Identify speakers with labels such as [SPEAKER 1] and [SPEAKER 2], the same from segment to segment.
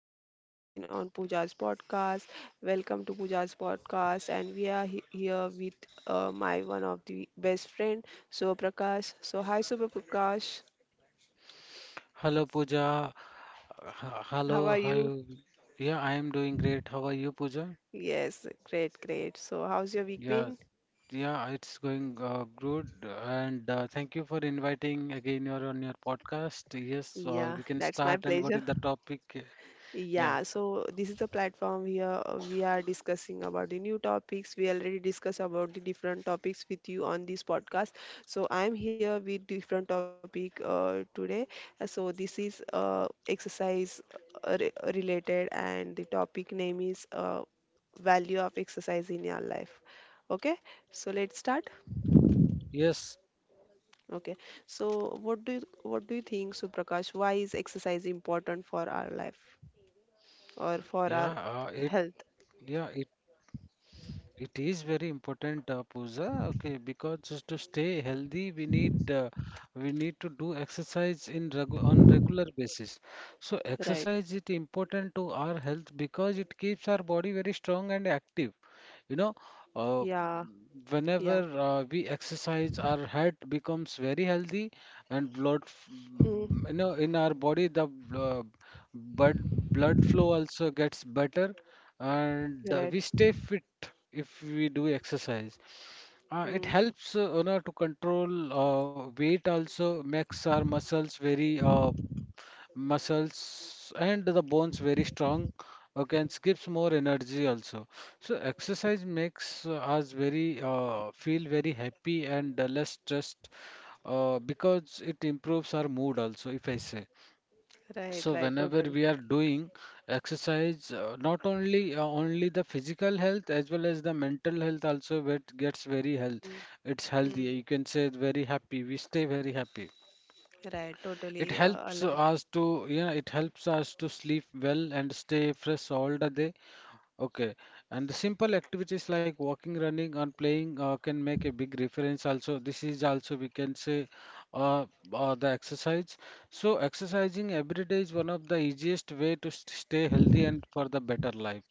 [SPEAKER 1] we are here again on Pooja's podcast. Welcome to Pooja's podcast, and we are here with my one of the best friend, So Prakash. So, hi, Super Prakash,
[SPEAKER 2] Hello Pooja.
[SPEAKER 1] how
[SPEAKER 2] Hello,
[SPEAKER 1] are
[SPEAKER 2] how
[SPEAKER 1] you?
[SPEAKER 2] you? Yeah, I am doing great. How are you, Pooja?
[SPEAKER 1] Yes, great, great. So, how's your week
[SPEAKER 2] Yeah,
[SPEAKER 1] been?
[SPEAKER 2] yeah, it's going good. And thank you for inviting again. You're on your podcast. Yes,
[SPEAKER 1] Yeah,
[SPEAKER 2] we can
[SPEAKER 1] that's my
[SPEAKER 2] start. And what is
[SPEAKER 1] pleasure.
[SPEAKER 2] the topic? Yeah.
[SPEAKER 1] Yeah, so this is the platform here we are discussing about the new topics. We already discussed about the different topics with you on this podcast. So I'm here with different topic today. So this is exercise related and the topic name is value of exercise in your life. Okay, so let's start.
[SPEAKER 2] Yes.
[SPEAKER 1] Okay, so what do you think, Suprakash? Why is exercise important for our life or
[SPEAKER 2] Yeah.
[SPEAKER 1] for our
[SPEAKER 2] It.
[SPEAKER 1] health?
[SPEAKER 2] Yeah. It is very important, Pooja. Okay, because just to stay healthy, we need we need to do exercise in regular basis. So
[SPEAKER 1] Right.
[SPEAKER 2] exercise is important to our health because it keeps our body very strong and active. You know,
[SPEAKER 1] Yeah.
[SPEAKER 2] uh,
[SPEAKER 1] Yeah.
[SPEAKER 2] Whenever we exercise, our heart becomes very healthy, and blood, f-
[SPEAKER 1] Hmm.
[SPEAKER 2] you know, in our body, the uh, blood blood flow also gets better, and
[SPEAKER 1] Right.
[SPEAKER 2] we stay fit if we do exercise. It
[SPEAKER 1] Hmm.
[SPEAKER 2] helps, to control weight also, makes our muscles very muscles and the bones very strong, okay, and gives more energy also. So exercise makes us very feel very happy and less stressed, because it improves our mood also, if I say.
[SPEAKER 1] Right.
[SPEAKER 2] So
[SPEAKER 1] Right.
[SPEAKER 2] whenever
[SPEAKER 1] Totally.
[SPEAKER 2] we are doing exercise, not only only the physical health as well as the mental health also, it gets very health
[SPEAKER 1] Hmm.
[SPEAKER 2] it's healthy,
[SPEAKER 1] Hmm.
[SPEAKER 2] you can say. Very happy, we stay very happy.
[SPEAKER 1] Right.
[SPEAKER 2] It
[SPEAKER 1] Totally
[SPEAKER 2] helps
[SPEAKER 1] aligned.
[SPEAKER 2] us to, yeah, it helps us to sleep well and stay fresh all the day. Okay. And the simple activities like walking, running, and playing can make a big difference also. This is also, we can say, uh, the exercise. So, exercising every day is one of the easiest way to stay healthy and for the better life.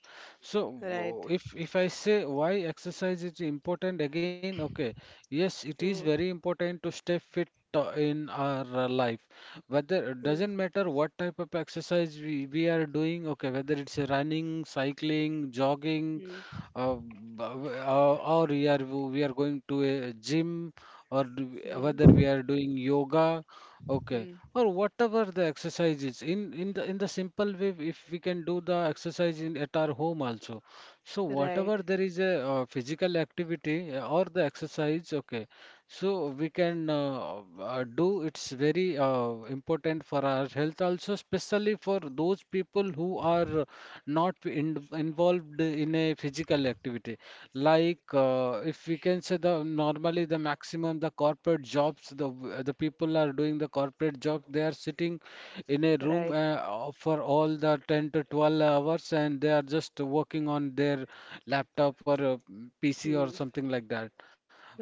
[SPEAKER 2] So,
[SPEAKER 1] Right.
[SPEAKER 2] if I say why exercise is important again, okay, yes, it is
[SPEAKER 1] Hmm.
[SPEAKER 2] very important to stay fit in our life. Whether,
[SPEAKER 1] Hmm.
[SPEAKER 2] doesn't matter what type of exercise we are doing, okay, whether it's a running, cycling, jogging,
[SPEAKER 1] Hmm.
[SPEAKER 2] or we are going to a gym, or
[SPEAKER 1] Hmm.
[SPEAKER 2] whether we are doing yoga, okay,
[SPEAKER 1] Hmm.
[SPEAKER 2] or whatever the exercise is. In the simple way, if we can do the exercise in at our home also. So whatever,
[SPEAKER 1] Right.
[SPEAKER 2] there is a physical activity or the exercise, okay. So we can do. It's very important for our health also, especially for those people who are not in, involved in a physical activity. Like, if we can say, the normally the maximum, the corporate jobs, the people are doing the corporate job. They are sitting in a room
[SPEAKER 1] Right.
[SPEAKER 2] for all the 10 to 12 hours, and they are just working on their laptop or PC or
[SPEAKER 1] Hmm.
[SPEAKER 2] something like that.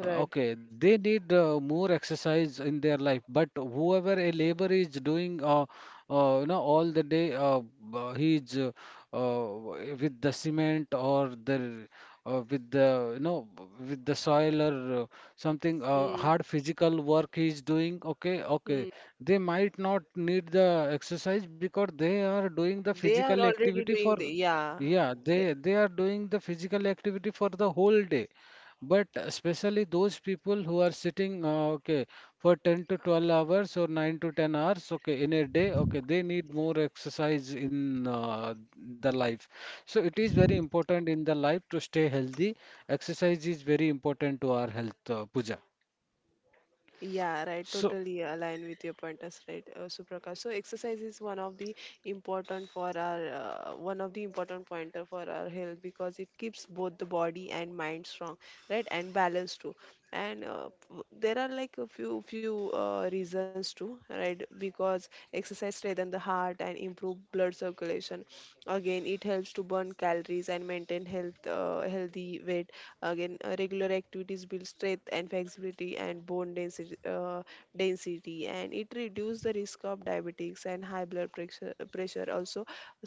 [SPEAKER 1] Right.
[SPEAKER 2] they need more exercise in their life, but whoever a labor is doing, all the day, he is uh, with the cement or the, with the you know, with the soil, or something,
[SPEAKER 1] Hmm.
[SPEAKER 2] hard physical work he is doing. Okay, okay,
[SPEAKER 1] Hmm.
[SPEAKER 2] they might not need the exercise because they are doing the
[SPEAKER 1] They are
[SPEAKER 2] physical
[SPEAKER 1] already
[SPEAKER 2] activity
[SPEAKER 1] doing
[SPEAKER 2] for,
[SPEAKER 1] the yeah.
[SPEAKER 2] yeah, they are doing the physical activity for the whole day. But especially those people who are sitting, okay, for 10 to 12 hours or 9 to 10 hours, okay, in a day, okay, they need more exercise in the life. So it is very important in the life to stay healthy. Exercise is very important to our health, Pooja.
[SPEAKER 1] Yeah, right.
[SPEAKER 2] So,
[SPEAKER 1] Totally align with your pointers, right, Suprakash. So exercise is one of the important for our one of the important pointer for our health because it keeps both the body and mind strong, right, and balanced too. And there are like a few reasons too, right? Because exercise strengthen the heart and improve blood circulation, again it helps to burn calories and maintain healthy weight, again regular activities build strength and flexibility and bone density, and it reduces the risk of diabetics and high blood pressure also,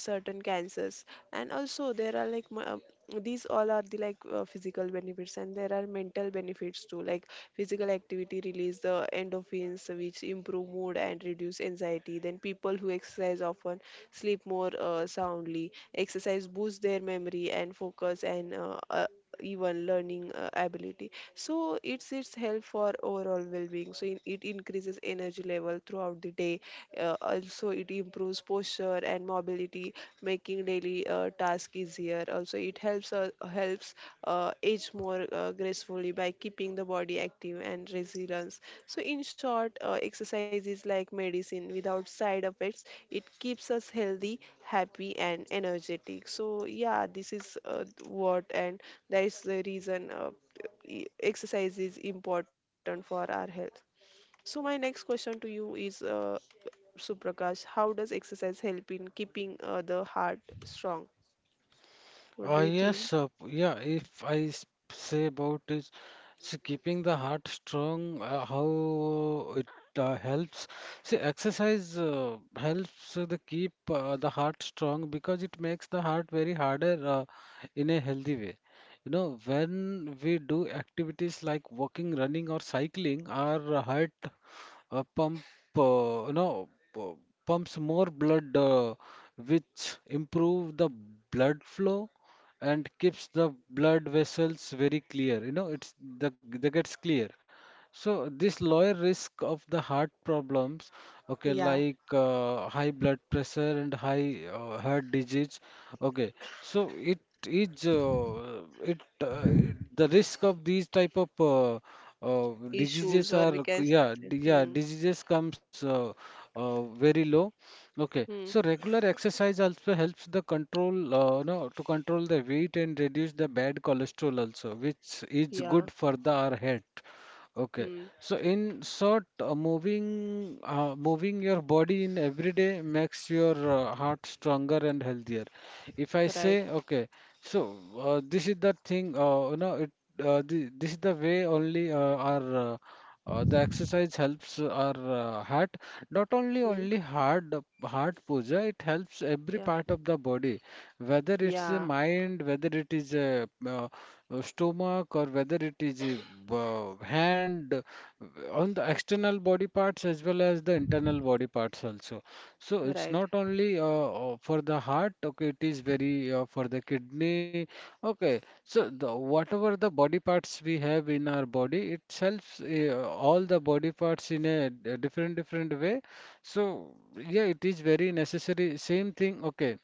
[SPEAKER 1] certain cancers. And also there are like these all are the like physical benefits, and there are mental benefits too, like physical activity release the endorphins which improve mood and reduce anxiety. Then people who exercise often sleep more soundly. Exercise boosts their memory and focus and even learning ability. So it's its help for overall well-being. So it increases energy level throughout the day. Also, it improves posture and mobility, making daily task easier. Also, it helps age more gracefully by keeping the body active and resilience. So in short, exercise is like medicine without side effects. It keeps us healthy, happy, and energetic. So, yeah, this is what, and that is the reason exercise is important for our health. So, my next question to you is, Suprakash, how does exercise help in keeping the heart strong? What do you think?
[SPEAKER 2] Yes, yeah. If I say about is, see, keeping the heart strong, how it helps. See, exercise helps the keep the heart strong because it makes the heart very harder, in a healthy way. You know, when we do activities like walking, running, or cycling, our heart uh, pump uh, you know pu- pumps more blood, which improve the blood flow and keeps the blood vessels very clear, you know, it's the they gets clear. So this lower risk of the heart problems, okay,
[SPEAKER 1] Yeah.
[SPEAKER 2] like high blood pressure and high heart disease, okay. So it is it the risk of these type of
[SPEAKER 1] Issues,
[SPEAKER 2] diseases
[SPEAKER 1] or
[SPEAKER 2] are,
[SPEAKER 1] we can say.
[SPEAKER 2] yeah,
[SPEAKER 1] Hmm.
[SPEAKER 2] yeah, diseases comes very low. Okay,
[SPEAKER 1] Hmm.
[SPEAKER 2] so regular exercise also helps the control no to control the weight and reduce the bad cholesterol also, which is
[SPEAKER 1] Yeah.
[SPEAKER 2] good for the our health. Okay.
[SPEAKER 1] Hmm.
[SPEAKER 2] So in short, moving your body in every day makes your heart stronger and healthier. If I
[SPEAKER 1] Right.
[SPEAKER 2] say, okay, so this is the thing, you know, this is the way only our the exercise helps our heart. Not only
[SPEAKER 1] Hmm.
[SPEAKER 2] only heart heart, Puja, it helps every
[SPEAKER 1] Yeah.
[SPEAKER 2] part of the body, whether it's a
[SPEAKER 1] Yeah.
[SPEAKER 2] mind, whether it is a stomach, or whether it is a hand, on the external body parts as well as the internal body parts also. So it's
[SPEAKER 1] Right.
[SPEAKER 2] not only for the heart, okay, it is very for the kidney, okay. So the, whatever the body parts we have in our body, it helps all the body parts in a, different different way. So yeah, it is very necessary. Same thing, okay.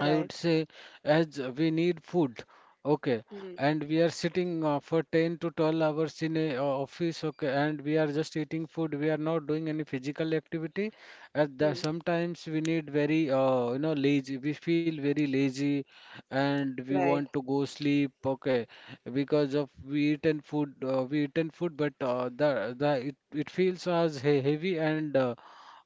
[SPEAKER 2] I would say, as we need food, okay,
[SPEAKER 1] Hmm.
[SPEAKER 2] and we are sitting for 10 to 12 hours in a office, okay, and we are just eating food. We are not doing any physical activity. At the
[SPEAKER 1] Hmm.
[SPEAKER 2] sometimes we need very you know, lazy. We feel very lazy, and we
[SPEAKER 1] Right.
[SPEAKER 2] want to go sleep, okay, because of we eaten food. We eaten food, but the it feels as heavy, and. Uh,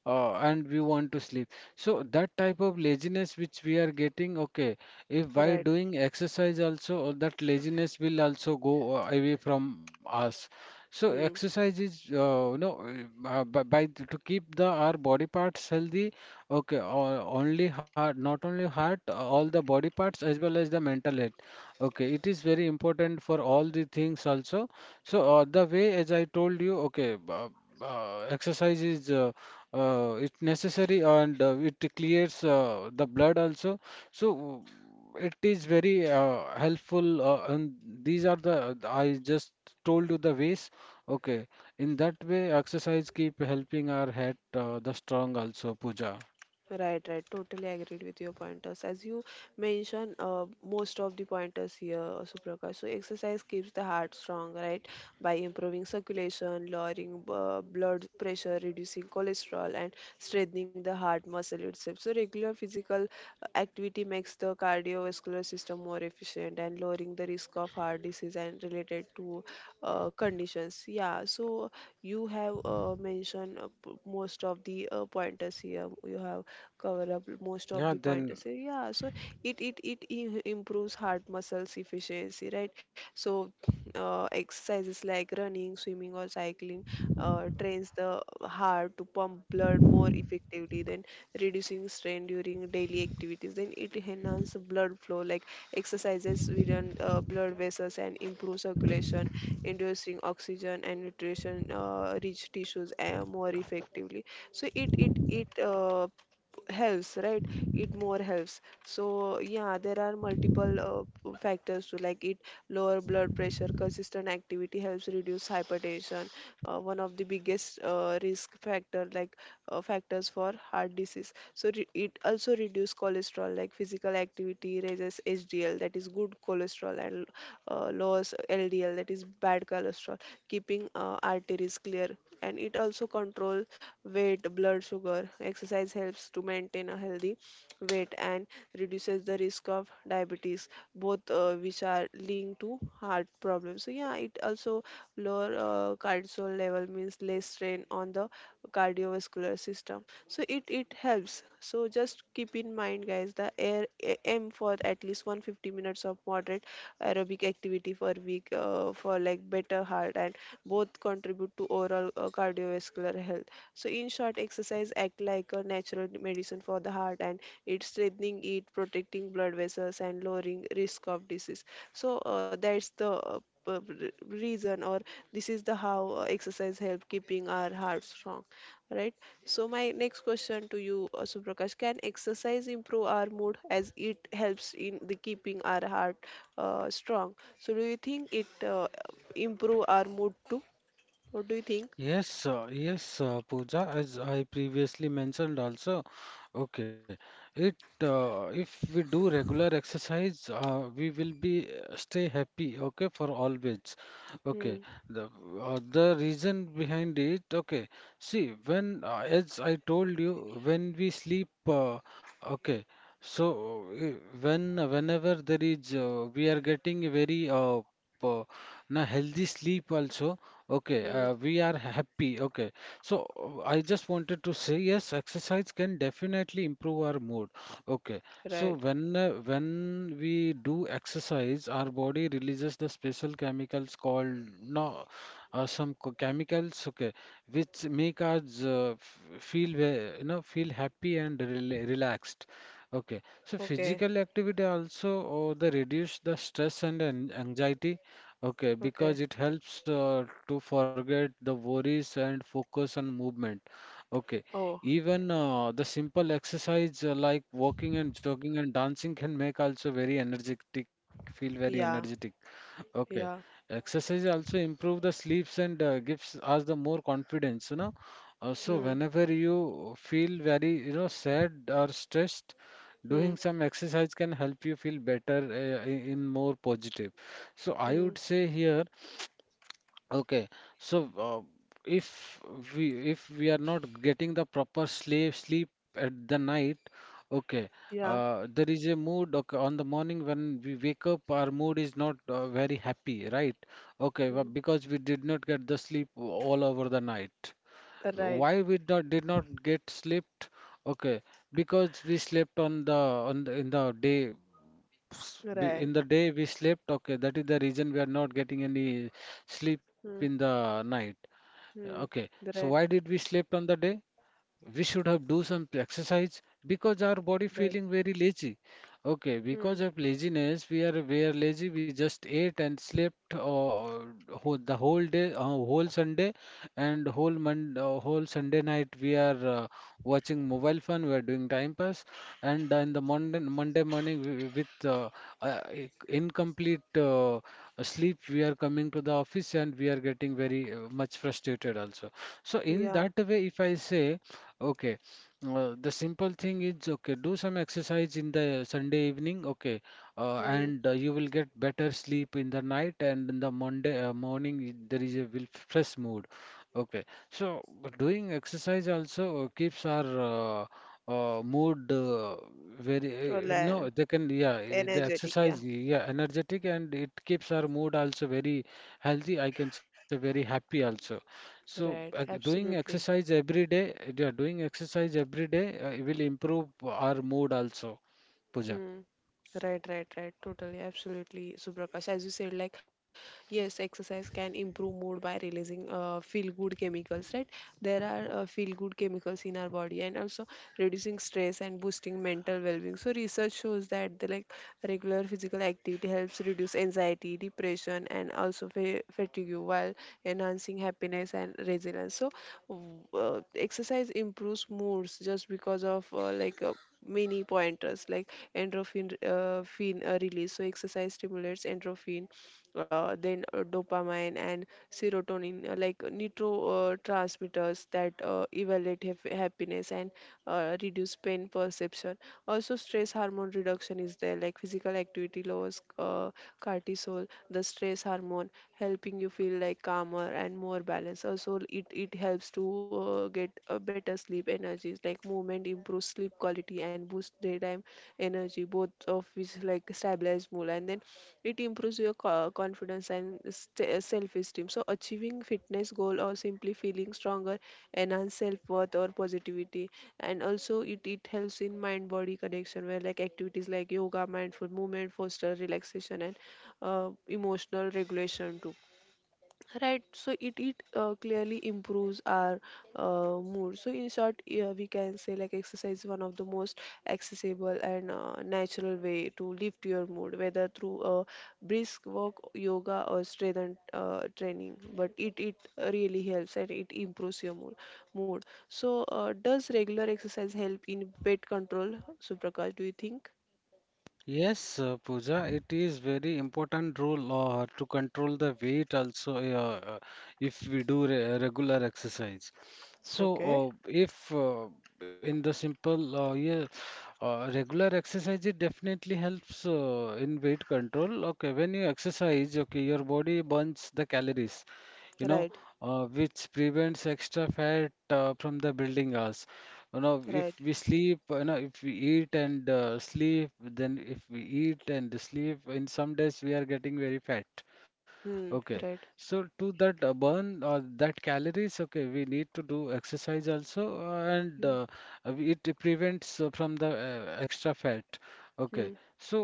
[SPEAKER 2] uh, and we want to sleep. So that type of laziness which we are getting, okay, if while
[SPEAKER 1] Right.
[SPEAKER 2] doing exercise also, that laziness will also go away from us. So
[SPEAKER 1] Hmm.
[SPEAKER 2] exercise is, to keep the our body parts healthy, okay, or only heart, not only heart, all the body parts as well as the mental health. Okay, it is very important for all the things also. So the way as I told you, okay, exercise is it's necessary, and it clears the blood also. So it is very helpful, and these are the, I just told you the ways. Okay, in that way exercise keep helping our head the strong also, Pooja.
[SPEAKER 1] Right. right. Totally agreed with your pointers. As you mentioned, most of the pointers here, Suprakash. So exercise keeps the heart strong, right? By improving circulation, lowering blood pressure, reducing cholesterol, and strengthening the heart muscle itself. So regular physical activity makes the cardiovascular system more efficient and lowering the risk of heart disease and related to conditions. Yeah. So you have mentioned most of the pointers here. You have cover up most
[SPEAKER 2] Yeah,
[SPEAKER 1] of the
[SPEAKER 2] then.
[SPEAKER 1] pointers. So, yeah, so improves heart muscles efficiency, right? So exercises like running, swimming, or cycling trains the heart to pump blood more effectively than reducing strain during daily activities. Then it enhances blood flow, like exercises within blood vessels and improve circulation, inducing oxygen and nutrition rich tissues more effectively. So it helps, right, it more helps. So yeah, there are multiple factors to, like, it lower blood pressure. Consistent activity helps reduce hypertension, one of the biggest risk factor, like factors for heart disease. So it also reduce cholesterol, like physical activity raises HDL, that is good cholesterol, and lowers LDL, that is bad cholesterol, keeping arteries clear. And it also controls weight, blood sugar. Exercise helps to maintain a healthy weight and reduces the risk of diabetes, both which are linked to heart problems. So yeah, it also lower cortisol level, means less strain on the cardiovascular system. So it helps. So just keep in mind, guys, the aim for at least 150 minutes of moderate aerobic activity per week, for like better heart, and both contribute to overall cardiovascular health. So in short, exercise act like a natural medicine for the heart, and it's strengthening it, protecting blood vessels, and lowering risk of disease. So that's the reason, or this is the how exercise help keeping our heart strong, right? So my next question to you, Suprakash, can exercise improve our mood? As it helps in the keeping our heart strong, so do you think it improve our mood too? What do you think?
[SPEAKER 2] Yes, Pooja, as I previously mentioned also, okay. It If we do regular exercise, we will be stay happy, okay, for always. Okay.
[SPEAKER 1] Hmm.
[SPEAKER 2] The the reason behind it, okay. See, when, as I told you, when we sleep, okay. So when whenever there is, we are getting a very p- na healthy sleep also. Okay,
[SPEAKER 1] Hmm.
[SPEAKER 2] we are happy. Okay, so I just wanted to say yes, exercise can definitely improve our mood. Okay, so
[SPEAKER 1] Right.
[SPEAKER 2] when we do exercise, our body releases the special chemicals called, no some chemicals. Okay, which make us feel you know, feel happy and relaxed. Okay, so
[SPEAKER 1] Okay.
[SPEAKER 2] physical activity also the reduce the stress and anxiety. Okay,
[SPEAKER 1] Okay.
[SPEAKER 2] because it helps to forget the worries and focus on movement. Okay,
[SPEAKER 1] Oh.
[SPEAKER 2] even the simple exercise like walking and jogging and dancing can make also very energetic, feel very energetic.
[SPEAKER 1] Yeah.
[SPEAKER 2] Okay.
[SPEAKER 1] Yeah.
[SPEAKER 2] Exercise also improve the sleeps and gives us the more confidence, you know. So
[SPEAKER 1] Hmm.
[SPEAKER 2] whenever you feel very, you know, sad or stressed,
[SPEAKER 1] Hmm.
[SPEAKER 2] doing some exercise can help you feel better, in more positive. So I
[SPEAKER 1] Hmm.
[SPEAKER 2] would say here. Okay, so if if we are not getting the proper sleep at the night, okay,
[SPEAKER 1] Yeah.
[SPEAKER 2] there is a mood. Okay, on the morning when we wake up, our mood is not very happy, right? Okay, well,
[SPEAKER 1] Hmm.
[SPEAKER 2] because we did not get the sleep all over the night.
[SPEAKER 1] Right.
[SPEAKER 2] Why we not, did not get slept? Okay, because we slept on the, in the day s- b- in
[SPEAKER 1] Right.
[SPEAKER 2] the day we slept, okay, that is the reason we are not getting any sleep in the
[SPEAKER 1] Hmm.
[SPEAKER 2] night. Okay,
[SPEAKER 1] Hmm.
[SPEAKER 2] so why
[SPEAKER 1] Right.
[SPEAKER 2] did we slept on the day? We should have do some exercise because our body
[SPEAKER 1] Right.
[SPEAKER 2] feeling very lazy. Okay,
[SPEAKER 1] Hmm.
[SPEAKER 2] because of laziness we are lazy, we just ate and slept, whole, the whole day whole sunday and whole mon whole sunday night we are watching mobile phone, we are doing time pass. And in the monday morning we, with incomplete sleep we are coming to the office and we are getting very much frustrated also. So in
[SPEAKER 1] Yeah.
[SPEAKER 2] that way if I say. Okay. The simple thing is, okay, do some exercise in the Sunday evening, okay, uh,
[SPEAKER 1] Hmm.
[SPEAKER 2] and uh, you will get better sleep in the night, and in the Monday morning there is a will fresh mood. Okay. So but doing exercise also keeps our mood very no
[SPEAKER 1] Like,
[SPEAKER 2] they can yeah I- the
[SPEAKER 1] energetic, yeah.
[SPEAKER 2] exercise yeah energetic, and it keeps our mood also very healthy. I can say very happy also. So,
[SPEAKER 1] Right,
[SPEAKER 2] doing
[SPEAKER 1] absolutely.
[SPEAKER 2] exercise every day, yeah, doing exercise every day will improve our mood also, Pooja.
[SPEAKER 1] Hmm. Right, right, right. Totally, absolutely, Subrakash. As you said, like, yes, exercise can improve mood by releasing feel-good chemicals, right? There are feel-good chemicals in our body, and also reducing stress and boosting mental well-being. So research shows that the, like, regular physical activity helps reduce anxiety, depression, and also fa fatigue, while enhancing happiness and resilience. So exercise improves moods just because of, like, many pointers like endorphin release. So exercise stimulates endorphin, then dopamine and serotonin, like neurotransmitters that evaluate happiness and reduce pain perception. Also, stress hormone reduction is there, like physical activity lowers cortisol, the stress hormone, helping you feel like calmer and more balanced. Also, it helps to get a better sleep energies. Like movement improves sleep quality and boosts daytime energy, both of which like stabilize mood. And then it improves your confidence and self-esteem. So achieving fitness goal or simply feeling stronger enhance self-worth or positivity. And also it helps in mind-body connection, where like activities like yoga, mindful movement foster relaxation and emotional regulation too. Right, so it clearly improves our mood. So in short, yeah, we can say, like, exercise is one of the most accessible and natural way to lift your mood, whether through a brisk walk, yoga, or strength and, training. But it really helps and it improves your mood. Mood. So does regular exercise help in weight control? Suprakash, do you think?
[SPEAKER 2] Yes, Pooja, it is very important role to control the weight also, if we do re regular exercise. So
[SPEAKER 1] Okay.
[SPEAKER 2] if in the simple yeah, regular exercise it definitely helps in weight control. Okay, when you exercise, okay, your body burns the calories, you know,
[SPEAKER 1] Right,
[SPEAKER 2] which prevents extra fat from the building us. You know, if
[SPEAKER 1] right.
[SPEAKER 2] we sleep, you know, if we eat and sleep, then if we eat and sleep, in some days we are getting very fat.
[SPEAKER 1] Hmm.
[SPEAKER 2] Okay,
[SPEAKER 1] Right.
[SPEAKER 2] so to that burn that calories, okay, we need to do exercise also, uh, and
[SPEAKER 1] Hmm.
[SPEAKER 2] uh, uh, we- it prevents from the extra fat. Okay,
[SPEAKER 1] Hmm.
[SPEAKER 2] so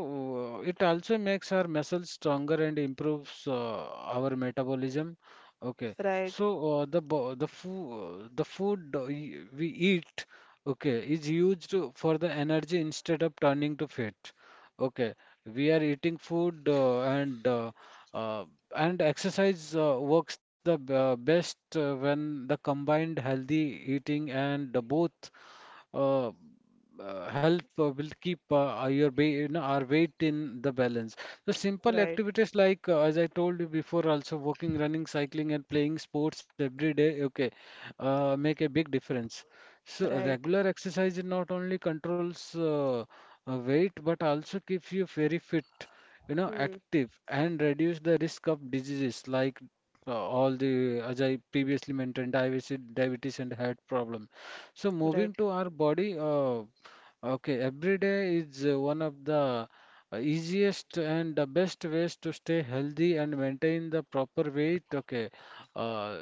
[SPEAKER 2] it also makes our muscles stronger and improves our metabolism. Okay,
[SPEAKER 1] Right.
[SPEAKER 2] so the bo- the food we eat, okay, is used for the energy instead of turning to fat. Okay, we are eating food uh, and exercise works best when the combined healthy eating, and the both help will keep you know, our weight in the balance. So simple
[SPEAKER 1] Right.
[SPEAKER 2] activities like, as I told you before, also walking, running, cycling, and playing sports every day. Okay, make a big difference. So
[SPEAKER 1] Right.
[SPEAKER 2] regular exercise not only controls weight, but also keeps you very fit, you know,
[SPEAKER 1] Hmm.
[SPEAKER 2] active, and reduce the risk of diseases like all the, as I previously mentioned, diabetes and heart problem. So moving
[SPEAKER 1] Right.
[SPEAKER 2] to our body, okay, every day is one of the easiest and the best ways to stay healthy and maintain the proper weight. Okay, uh,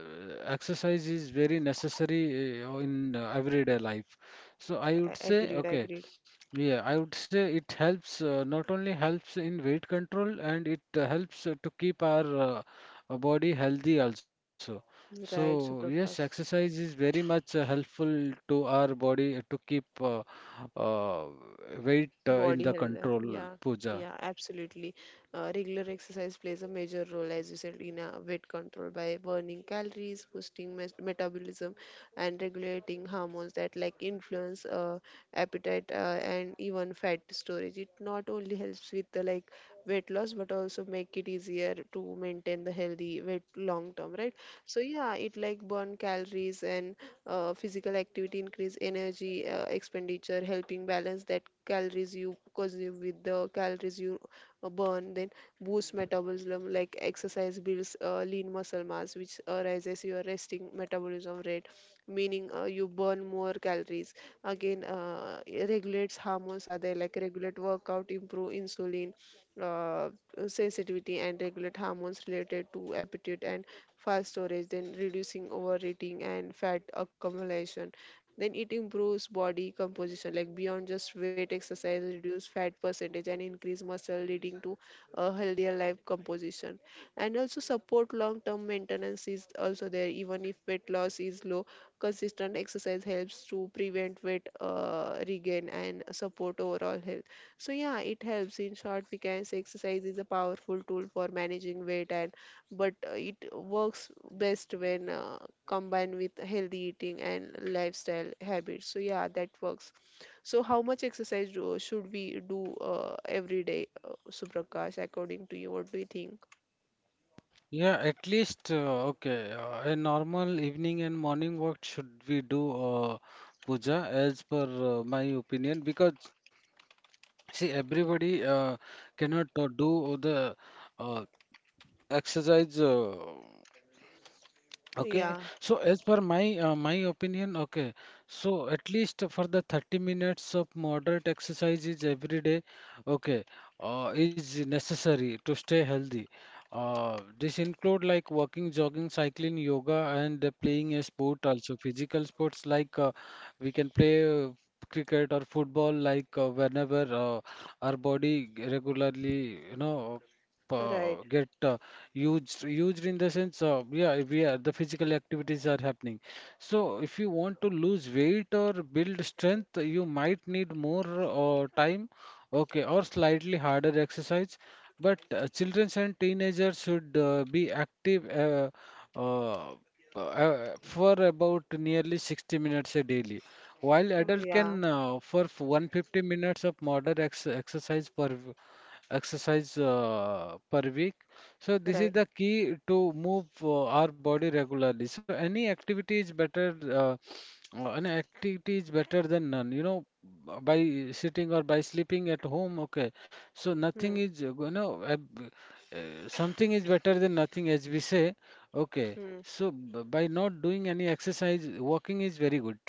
[SPEAKER 2] exercise is very necessary in everyday life. So I would say,
[SPEAKER 1] Agreed.
[SPEAKER 2] okay.
[SPEAKER 1] Agreed.
[SPEAKER 2] Yeah, I would say it helps, not only helps in weight control, and it helps to keep our uh, body healthy also. So
[SPEAKER 1] Right,
[SPEAKER 2] yes,
[SPEAKER 1] Suprakash.
[SPEAKER 2] exercise is very much helpful to our body to keep uh, weight in
[SPEAKER 1] Body
[SPEAKER 2] the
[SPEAKER 1] health.
[SPEAKER 2] control,
[SPEAKER 1] Yeah.
[SPEAKER 2] Pooja.
[SPEAKER 1] Yeah, absolutely. Regular exercise plays a major role, as you said, in weight control by burning calories, boosting metabolism, and regulating hormones that like influence appetite and even fat storage. It not only helps with the, like, weight loss, but also make it easier to maintain the healthy weight long term, right? So yeah, it, like, burn calories, and physical activity increase energy expenditure, helping balance that calories you consume with the calories you burn, then boosts metabolism, like exercise builds lean muscle mass, which raises your resting metabolism rate, meaning you burn more calories. Again, it regulates hormones, are there like regulate workout, improve insulin uh, sensitivity, and regulate hormones related to appetite and fast storage, then reducing overeating and fat accumulation. Then eating improves body composition, like beyond just weight exercise, reduce fat percentage and increase muscle, leading to a healthier life composition. And also support long-term maintenance is also there, even if weight loss is low. Consistent exercise helps to prevent weight regain and support overall health. So yeah, it helps. In short, we can say exercise is a powerful tool for managing weight, and but it works best when combined with healthy eating and lifestyle habits. So yeah, that works. So how much exercise should we do every day, Suprakash, according to you? What do you think?
[SPEAKER 2] Yeah, at least okay. A normal evening and morning walk should we do, Pooja, as per my opinion, because see, everybody cannot do the uh, exercise. Okay,
[SPEAKER 1] Yeah.
[SPEAKER 2] so as per my my opinion, okay, so at least for the 30 minutes of moderate exercise is every day, okay, is necessary to stay healthy. This include like walking, jogging, cycling, yoga, and playing a sport also. Physical sports like, we can play cricket or football, like whenever our body regularly, you know,
[SPEAKER 1] Right.
[SPEAKER 2] get used in the sense, yeah, we are the physical activities are happening. So if you want to lose weight or build strength, you might need more time, okay, or slightly harder exercise. But children and teenagers should be active uh, for about nearly 60 minutes a daily, while
[SPEAKER 1] Oh,
[SPEAKER 2] adult can,
[SPEAKER 1] yeah.
[SPEAKER 2] for 150 minutes of moderate ex exercise per week. So this is
[SPEAKER 1] Right.
[SPEAKER 2] the key to move our body regularly. So any activity is better, an activity is better than none. You know, by sitting or by sleeping at home, okay. So nothing
[SPEAKER 1] Hmm.
[SPEAKER 2] is, you know, something is better than nothing, as we say. Okay.
[SPEAKER 1] Hmm.
[SPEAKER 2] So by not doing any exercise, walking is very good.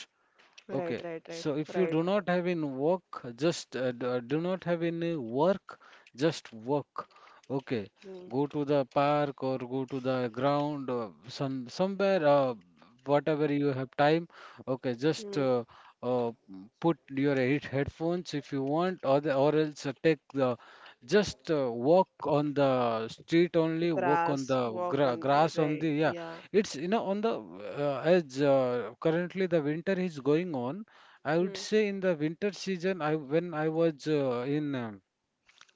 [SPEAKER 1] Right.
[SPEAKER 2] Okay,
[SPEAKER 1] Right. Right.
[SPEAKER 2] so if you
[SPEAKER 1] Right.
[SPEAKER 2] do not have any work, do not have any work, just work. Okay,
[SPEAKER 1] Hmm.
[SPEAKER 2] go to the park or go to the ground or somewhere, whatever you have time. Okay, just
[SPEAKER 1] Hmm.
[SPEAKER 2] uh, put your headphones if you want, or the, or else take the, just walk on the street only, walk
[SPEAKER 1] Grass,
[SPEAKER 2] on the
[SPEAKER 1] walk on the,
[SPEAKER 2] grass on the.
[SPEAKER 1] right,
[SPEAKER 2] Yeah,
[SPEAKER 1] yeah.
[SPEAKER 2] it's you know on the, as currently the winter is going on. I would
[SPEAKER 1] Hmm.
[SPEAKER 2] say in the winter season, I when I was in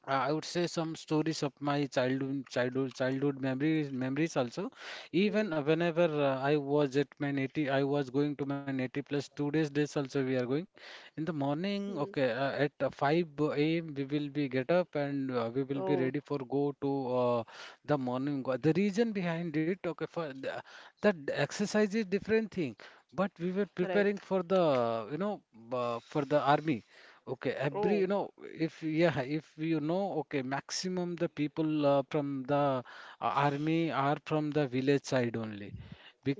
[SPEAKER 2] I would say some stories of my childhood memories, also. Even
[SPEAKER 1] Hmm.
[SPEAKER 2] whenever I was at my native, I was going to my native place. Two days also we are going. In the
[SPEAKER 1] Hmm.
[SPEAKER 2] morning, okay, at 5 a.m. we will be get up and we will be
[SPEAKER 1] Oh.
[SPEAKER 2] ready for go to the morning. The reason behind it, okay, for the, that exercise is different thing, but we were
[SPEAKER 1] Right.
[SPEAKER 2] preparing for the, you know, for the army. Okay, every,
[SPEAKER 1] Oh.
[SPEAKER 2] you know, if, yeah, if you know, okay, maximum the people from the army are from the village side only.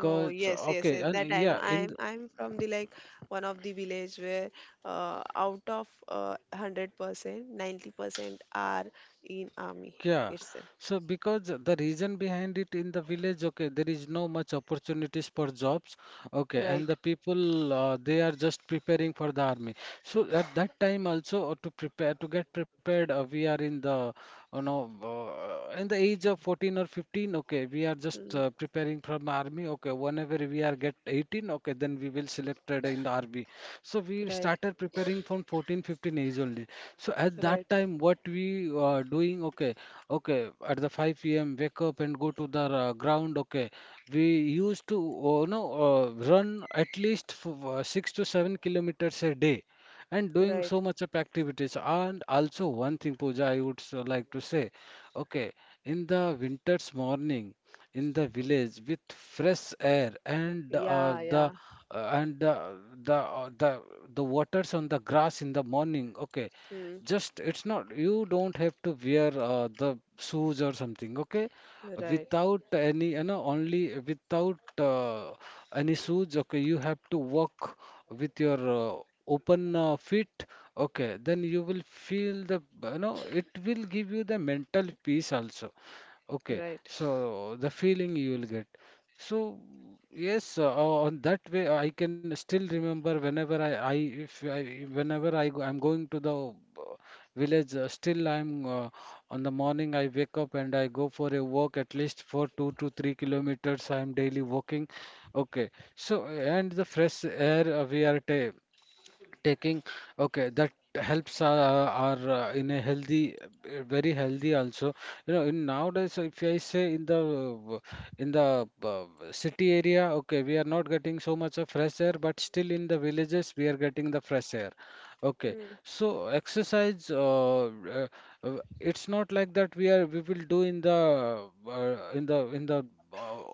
[SPEAKER 1] Oh yes, yes,
[SPEAKER 2] okay,
[SPEAKER 1] yes.
[SPEAKER 2] and
[SPEAKER 1] That I know.
[SPEAKER 2] yeah, in,
[SPEAKER 1] I'm I'm from the, like, one of the village where, out of 100%, 90% are in army
[SPEAKER 2] yeah.
[SPEAKER 1] itself.
[SPEAKER 2] So, because the reason behind it, in the village, okay, there is no much opportunities for jobs, okay, and
[SPEAKER 1] Right.
[SPEAKER 2] the people, they are just preparing for the army. So, at that time also, to get prepared, we are in the, you know, in the age of 14 or 15, okay, we are just
[SPEAKER 1] Mm,
[SPEAKER 2] preparing from army. Okay, whenever we are get 18, okay, then we will selected in the army. So we
[SPEAKER 1] right.
[SPEAKER 2] started preparing from 14, 15 age only. So at that
[SPEAKER 1] Right.
[SPEAKER 2] time, what we doing? Okay, okay, at the 5 p.m. wake up and go to the ground. Okay, we used to, you know, run at least f 6 to 7 kilometers a day, and doing so
[SPEAKER 1] Right.
[SPEAKER 2] much of activities. And also one thing, Pooja, I would so like to say, okay, in the winter's morning, in the village with fresh air, and
[SPEAKER 1] Yeah. Yeah.
[SPEAKER 2] uh, and uh, the uh, the the waters on the grass in the morning, okay,
[SPEAKER 1] Mm,
[SPEAKER 2] just it's not, you don't have to wear the shoes or something, okay?
[SPEAKER 1] right.
[SPEAKER 2] Without any, you know, only without any shoes, okay, you have to walk with your open feet, okay, then you will feel the, you know, it will give you the mental peace also. Okay,
[SPEAKER 1] Right.
[SPEAKER 2] so the feeling you will get. So yes, on that way I can still remember whenever I if I whenever I go, I'm going to the village. Still I'm on the morning I wake up and I go for a walk at least for 2 to 3 kilometers. I'm daily walking. Okay, so and the fresh air we are ta taking, okay, that helps are in a healthy, very healthy also. You know, in nowadays if I say, in the in the uh, city area, okay, we are not getting so much of fresh air, but still in the villages we are getting the fresh air, okay.
[SPEAKER 1] Hmm.
[SPEAKER 2] So exercise it's not like that we are we will do in the uh,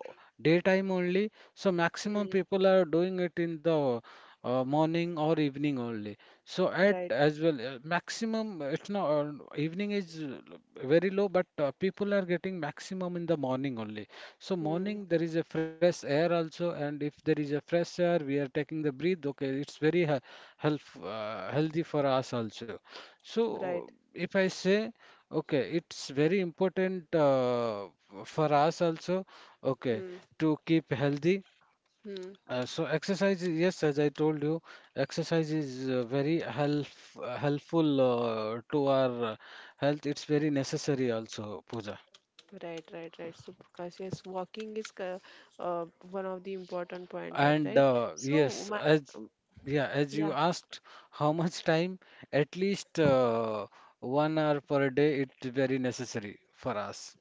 [SPEAKER 2] daytime only. So maximum
[SPEAKER 1] Hmm.
[SPEAKER 2] people are doing it in the morning or evening only. So at
[SPEAKER 1] Right.
[SPEAKER 2] as well, maximum it's not evening is very low, but people are getting maximum in the morning only. So
[SPEAKER 1] Hmm.
[SPEAKER 2] morning there is a fresh air also, and if there is a fresh air, we are taking the breathe. Okay, it's very he health healthy for us also. So
[SPEAKER 1] Right.
[SPEAKER 2] if I say, okay, it's very important for us also. Okay,
[SPEAKER 1] Hmm.
[SPEAKER 2] to keep healthy,
[SPEAKER 1] Hmm.
[SPEAKER 2] so exercise, yes, as I told you, exercise is very helpful to our health. It's very necessary also, Pooja.
[SPEAKER 1] Right, right, right. So, Prakash, yes, walking is one of the important pointer,
[SPEAKER 2] And
[SPEAKER 1] right? So,
[SPEAKER 2] yes, as,
[SPEAKER 1] um,
[SPEAKER 2] yeah, as you
[SPEAKER 1] yeah.
[SPEAKER 2] asked, how much time? At least 1 hour per day. It's very necessary for us.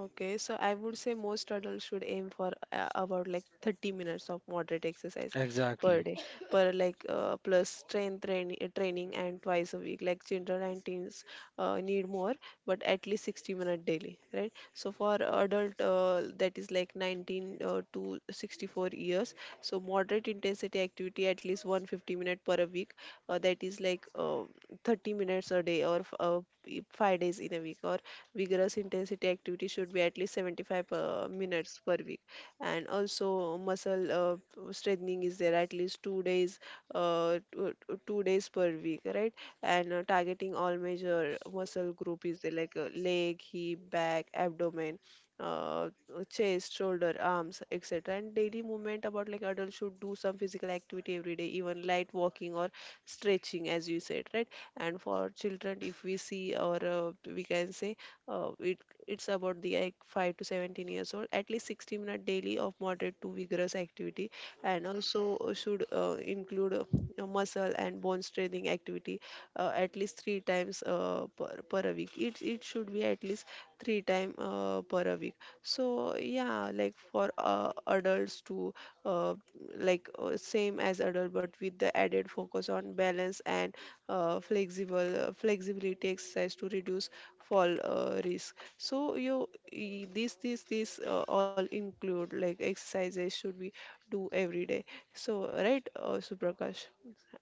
[SPEAKER 1] Okay, so I would say most adults should aim for about like 30 minutes of moderate exercise per
[SPEAKER 2] Exactly.
[SPEAKER 1] day, per like plus strength training and twice a week. Like children and teens need more, but at least 60 minutes daily, right? So for adult that is like 19 to 64 years, so moderate intensity activity at least 150 minutes per a week. That is like 30 minutes a day or 5 days in a week, or vigorous intensity activity should be at least 75 minutes per week. And also muscle strengthening is there at least uh, two, 2 days per week, right? And targeting all major muscle group is there, like leg, hip, back, abdomen, uh, chest, shoulder, arms, etc. And daily movement, about like adults should do some physical activity every day, even light walking or stretching, as you said, right? And for children, if we see, or we can say, uh, it, it's about the like 5 to 17 years old, at least 60 minutes daily of moderate to vigorous activity. And also should include muscle and bone strengthening activity at least 3 times per a week. It should be at least 3 time per a week. So yeah, like for adults too, uh, like same as adult, but with the added focus on balance and flexible flexibility exercise to reduce fall risk. So you this all include like exercises should we do every day. So right, Suprakash.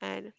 [SPEAKER 1] And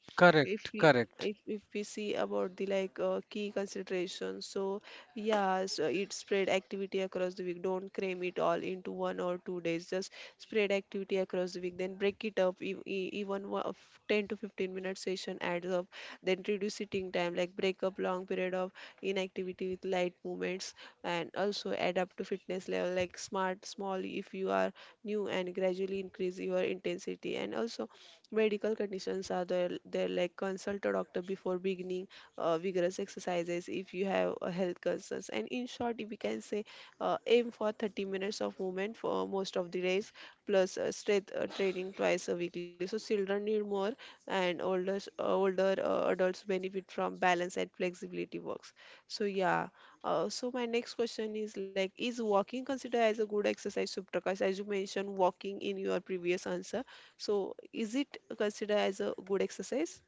[SPEAKER 1] if
[SPEAKER 2] Correct.
[SPEAKER 1] we,
[SPEAKER 2] Correct.
[SPEAKER 1] if we see about the like key considerations, so yeah, so it spread activity across the week, don't cram it all into one or two days, just spread activity across the week, then break it up, even one of 10 to 15 minute session adds up. Then reduce sitting time, like break up long period of inactivity with light movements. And also adapt to fitness level, like smart small if you are new, and gradually increase your intensity. And also medical conditions are there, there, like consult a doctor before beginning vigorous exercises if you have health concerns. And in short, if we can say, aim for 30 minutes of movement for most of the days plus strength training twice a weekly. So children need more, and older adults benefit from balance and flexibility works. So yeah. So my next question is like, is walking considered as a good exercise, Suprakash? As you mentioned walking in your previous answer. So is it considered as a good exercise?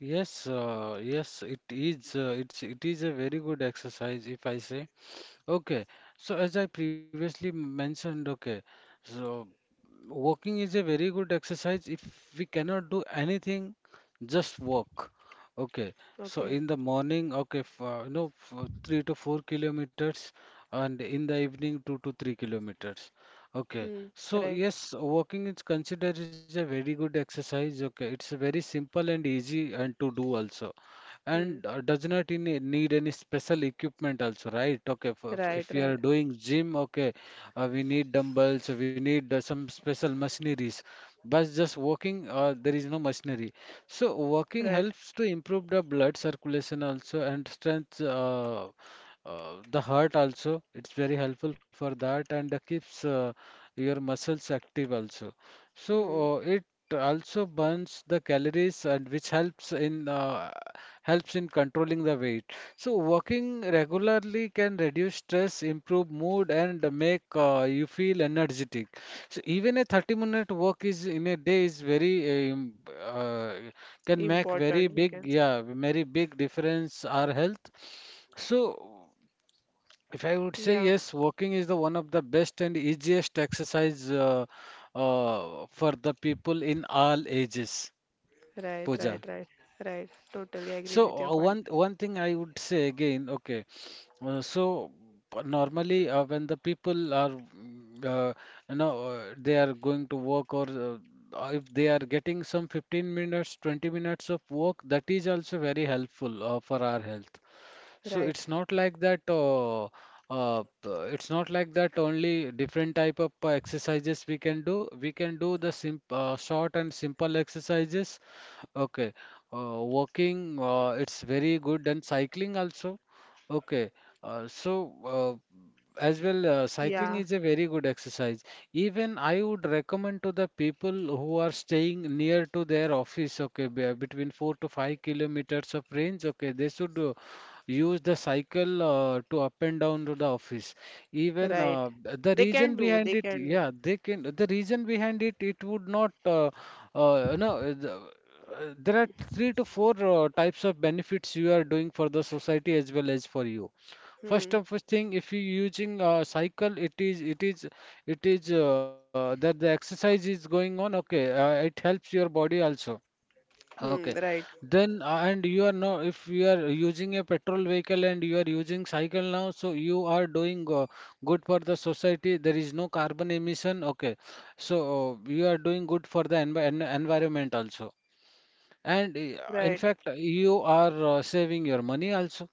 [SPEAKER 2] Yes. Yes, it is. It is a very good exercise, if I say. Okay, so as I previously mentioned, okay, so walking is a very good exercise. If we cannot do anything, just walk. Okay, so
[SPEAKER 1] Okay.
[SPEAKER 2] in the morning, okay, f you know, f 3 to 4 kilometers, and in the evening, 2 to 3 kilometers. Okay,
[SPEAKER 1] Hmm.
[SPEAKER 2] so
[SPEAKER 1] Right.
[SPEAKER 2] yes, walking is considered is a very good exercise. Okay, it's very simple and easy and to do also,
[SPEAKER 1] Hmm.
[SPEAKER 2] and does not in, need any special equipment also. Right, okay,
[SPEAKER 1] Right.
[SPEAKER 2] if we are
[SPEAKER 1] Right.
[SPEAKER 2] doing gym, okay, we need dumbbells, we need some special machineries, but just walking, there is no machinery. So walking
[SPEAKER 1] Right.
[SPEAKER 2] helps to improve the blood circulation also and strength the heart also. It's very helpful for that, and keeps your muscles active also. So
[SPEAKER 1] Hmm.
[SPEAKER 2] it also burns the calories, and which helps in controlling the weight. So, walking regularly can reduce stress, improve mood, and make you feel energetic. So, even a 30-minute walk is in a day is very uh, can make very
[SPEAKER 1] Important. We
[SPEAKER 2] big,
[SPEAKER 1] can.
[SPEAKER 2] yeah, very big difference our health. So, if I would say
[SPEAKER 1] Yeah.
[SPEAKER 2] yes, walking is the one of the best and easiest exercise, for the people in all ages.
[SPEAKER 1] Right. Right.
[SPEAKER 2] Pooja.
[SPEAKER 1] Right. Right. Totally agreed with
[SPEAKER 2] So
[SPEAKER 1] your point.
[SPEAKER 2] one thing I would say again, okay, so normally, when the people are, they are going to work or if they are getting some 15 minutes, 20 minutes of work, that is also very helpful for our health. So
[SPEAKER 1] Right.
[SPEAKER 2] it's not like that. It's not like that. Only different type of exercises we can do. We can do the sim short and simple exercises. Okay, walking. It's very good and cycling also. Okay, so uh, as well, cycling
[SPEAKER 1] Yeah,
[SPEAKER 2] is a very good exercise. Even I would recommend to the people who are staying near to their office, okay, between 4 to 5 kilometers of range, okay, they should use the cycle to up and down to the office. Even
[SPEAKER 1] right.
[SPEAKER 2] the
[SPEAKER 1] They can
[SPEAKER 2] reason
[SPEAKER 1] do, they
[SPEAKER 2] behind it,
[SPEAKER 1] can do.
[SPEAKER 2] yeah, they can. The reason behind it, it would not. No, there are three to four types of benefits you are doing for the society as well as for you. First
[SPEAKER 1] Hmm,
[SPEAKER 2] of first thing, if you using a cycle, it is that the exercise is going on. Okay, it helps your body also.
[SPEAKER 1] hmm,
[SPEAKER 2] Okay,
[SPEAKER 1] right,
[SPEAKER 2] then and you are now if you are using a petrol vehicle and you are using cycle now, so you are doing good for the society. There is no carbon emission. Okay, so you are doing good for the environment also, and in
[SPEAKER 1] right,
[SPEAKER 2] fact you are saving your money also.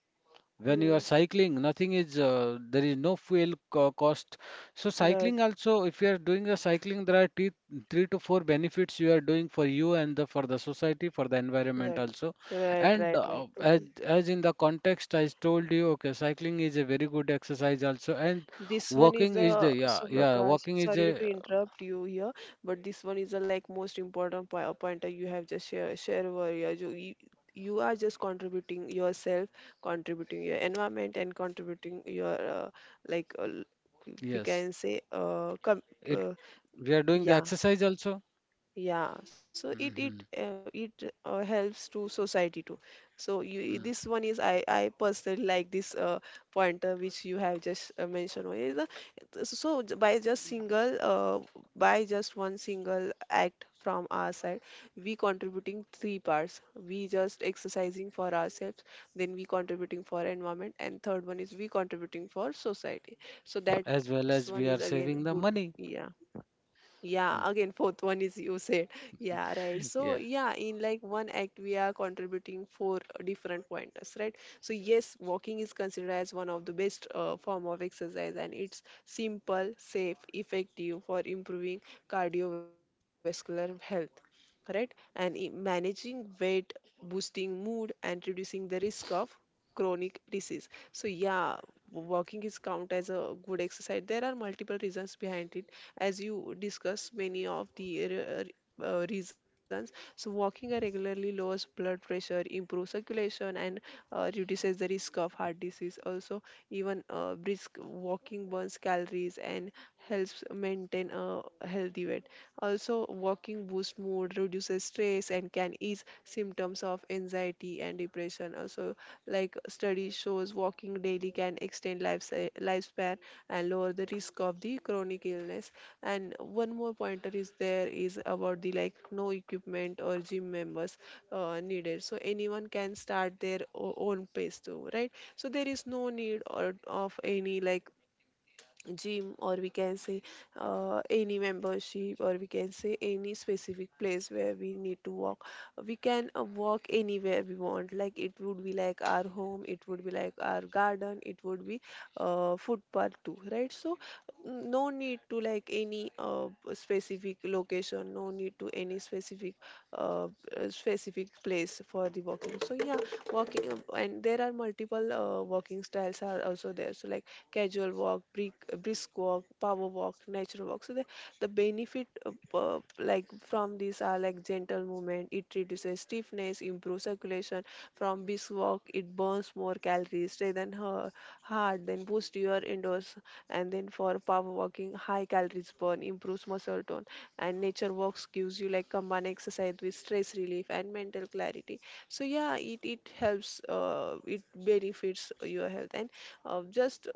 [SPEAKER 2] When you
[SPEAKER 1] hmm,
[SPEAKER 2] are cycling nothing is, there is no fuel cost. So
[SPEAKER 1] right,
[SPEAKER 2] cycling also, if you are doing a cycling, there are three to four benefits you are doing for you and for the society, for the environment
[SPEAKER 1] right,
[SPEAKER 2] also.
[SPEAKER 1] right,
[SPEAKER 2] And
[SPEAKER 1] right, right,
[SPEAKER 2] as,
[SPEAKER 1] totally.
[SPEAKER 2] as in the context I told you, okay, cycling is a very good exercise also. And
[SPEAKER 1] This one is
[SPEAKER 2] walking is
[SPEAKER 1] the
[SPEAKER 2] the yeah, yeah,
[SPEAKER 1] Subrakash.
[SPEAKER 2] walking is
[SPEAKER 1] Sorry
[SPEAKER 2] a,
[SPEAKER 1] to interrupt you here, but this one is the like most important pointer you have just share over here. You you are just contributing yourself, contributing your environment, and contributing your like we can
[SPEAKER 2] yes,
[SPEAKER 1] say
[SPEAKER 2] it,
[SPEAKER 1] uh
[SPEAKER 2] we are doing the
[SPEAKER 1] yeah.
[SPEAKER 2] exercise also.
[SPEAKER 1] Yeah, so it it
[SPEAKER 2] Hmm.
[SPEAKER 1] uh, it uh, helps to society too. So you, this one is I personally like this pointer which you have just mentioned over the. By just single by just one single act from our side, we contributing 3 parts. We just exercising for ourselves, then we contributing for environment, and third one is we contributing for society. So that's
[SPEAKER 2] As
[SPEAKER 1] one
[SPEAKER 2] well
[SPEAKER 1] is
[SPEAKER 2] as we
[SPEAKER 1] again
[SPEAKER 2] are
[SPEAKER 1] good.
[SPEAKER 2] saving the
[SPEAKER 1] Yeah.
[SPEAKER 2] money.
[SPEAKER 1] Yeah,
[SPEAKER 2] Mm.
[SPEAKER 1] again, fourth one is you said. Yeah, right. So,
[SPEAKER 2] Yeah.
[SPEAKER 1] yeah, in like one act, we are contributing 4 different pointers, right? So yes, walking is considered as one of the best form of exercise, and it's simple, safe, effective for improving cardiovascular health, right? And managing weight, boosting mood, and reducing the risk of chronic disease. So yeah, walking is count as a good exercise. There are multiple reasons behind it, as you discussed many of the reasons. So walking regularly lowers blood pressure, improves circulation, and reduces the risk of heart disease. Also, even brisk walking burns calories and helps maintain a healthy weight. Also, walking boosts mood, reduces stress, and can ease symptoms of anxiety and depression. Also, like study shows, walking daily can extend lifespan and lower the risk of the chronic illness. And one more pointer is there, is about the like no equipment or gym members needed, so anyone can start their own pace too, right? So there is no need or of any like gym, or we can say any membership, or we can say any specific place where we need to walk. We can walk anywhere we want, like it would be like our home, it would be like our garden, it would be footpath too, right? So mm, no need to like any specific location, no need to any specific uh, specific place for the walking. So yeah, walking and there are multiple walking styles are also there, so like casual walk, brisk walk, power walk, nature walk. So the benefit of, like from these are like gentle movement. It reduces stiffness, improves circulation. From brisk walk, it burns more calories rather than her heart. Then boost your indoors. And then for power walking, high calories burn, improves muscle tone. And nature walks gives you like combined exercise with stress relief and mental clarity. So yeah, it helps. It benefits your health. And uh, just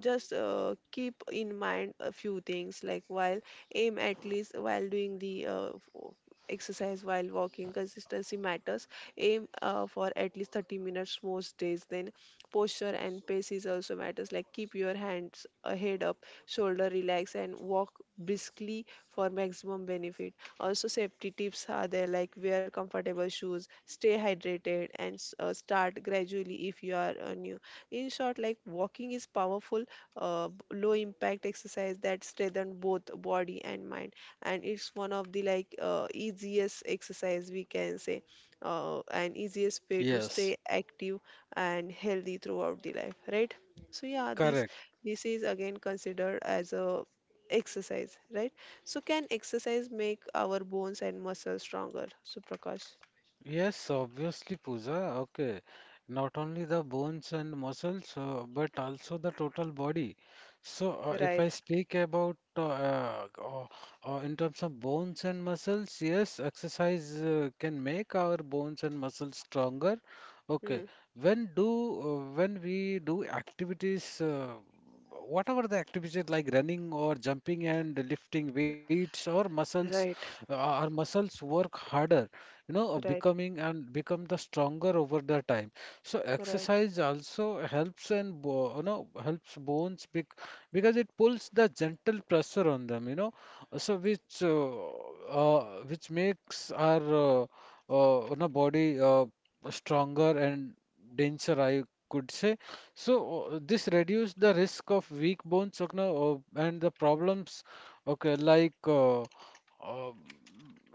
[SPEAKER 1] just keep in mind a few things, like while aim at least while doing the exercise, while walking, consistency matters. Aim for at least 30 minutes most days. Then posture and pace is also matters, like keep your hands head up, shoulder relax and walk briskly for maximum benefit. Also safety tips are there, like wear comfortable shoes, stay hydrated and start gradually if you are new. In short, like walking is powerful uh, low impact exercise that strengthen both body and mind, and it's one of the like easiest exercise, we can say, and easiest way to
[SPEAKER 2] Yes.
[SPEAKER 1] stay active and healthy throughout the life, right? So yeah, this
[SPEAKER 2] Correct.
[SPEAKER 1] this is again considered as a exercise, right? So can exercise make our bones and muscles stronger, so Prakash?
[SPEAKER 2] Yes, obviously, Pooja. Okay. Not only the bones and muscles, but also the total body. So, if I speak about in terms of bones and muscles, yes, exercise can make our bones and muscles stronger. Okay.
[SPEAKER 1] Hmm.
[SPEAKER 2] When do when we do activities, whatever the activities like running or jumping and lifting weights or muscles,
[SPEAKER 1] Right,
[SPEAKER 2] our muscles work harder, you know,
[SPEAKER 1] right,
[SPEAKER 2] becoming and become the stronger over the time. So
[SPEAKER 1] right.
[SPEAKER 2] exercise also helps and bo you know helps bones because it pulls the gentle pressure on them, you know, so which makes our body stronger and denser, I could say. So this reduces the risk of weak bones, you know, and the problems. Okay, uh,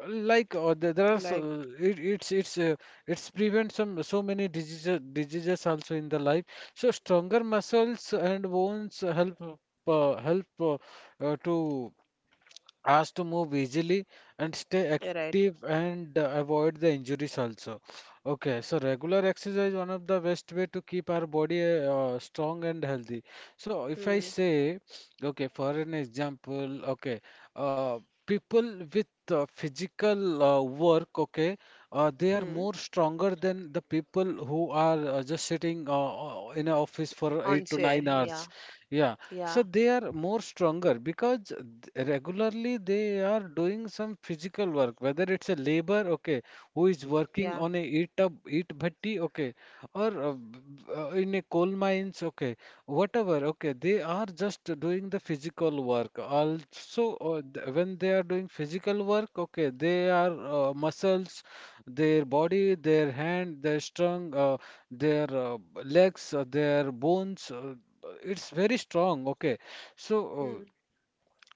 [SPEAKER 2] there are,
[SPEAKER 1] Like,
[SPEAKER 2] so it, it's prevent some so many diseases also in the life, so stronger muscles and bones help to us to move easily and stay
[SPEAKER 1] right.
[SPEAKER 2] active, and avoid the injuries also. Okay, so regular exercise one of the best way to keep our body strong and healthy. So if I
[SPEAKER 1] Hmm.
[SPEAKER 2] say, okay, for an example, okay, uh, people with physical work, okay, they are
[SPEAKER 1] Hmm.
[SPEAKER 2] more stronger than the people who are just sitting in an office for
[SPEAKER 1] On
[SPEAKER 2] eight to
[SPEAKER 1] chair,
[SPEAKER 2] nine
[SPEAKER 1] yeah,
[SPEAKER 2] hours. Yeah,
[SPEAKER 1] yeah.
[SPEAKER 2] so they are more stronger because regularly they are doing some physical work, whether it's a labor, okay, who is working
[SPEAKER 1] Yeah.
[SPEAKER 2] on a eat up eat bhatti, okay, or in a coal mines, okay, whatever, okay, they are just doing the physical work also. When they are doing physical work, okay, they are muscles, their body, their hand, their strong, their legs, their bones, it's very strong, okay. So
[SPEAKER 1] Mm.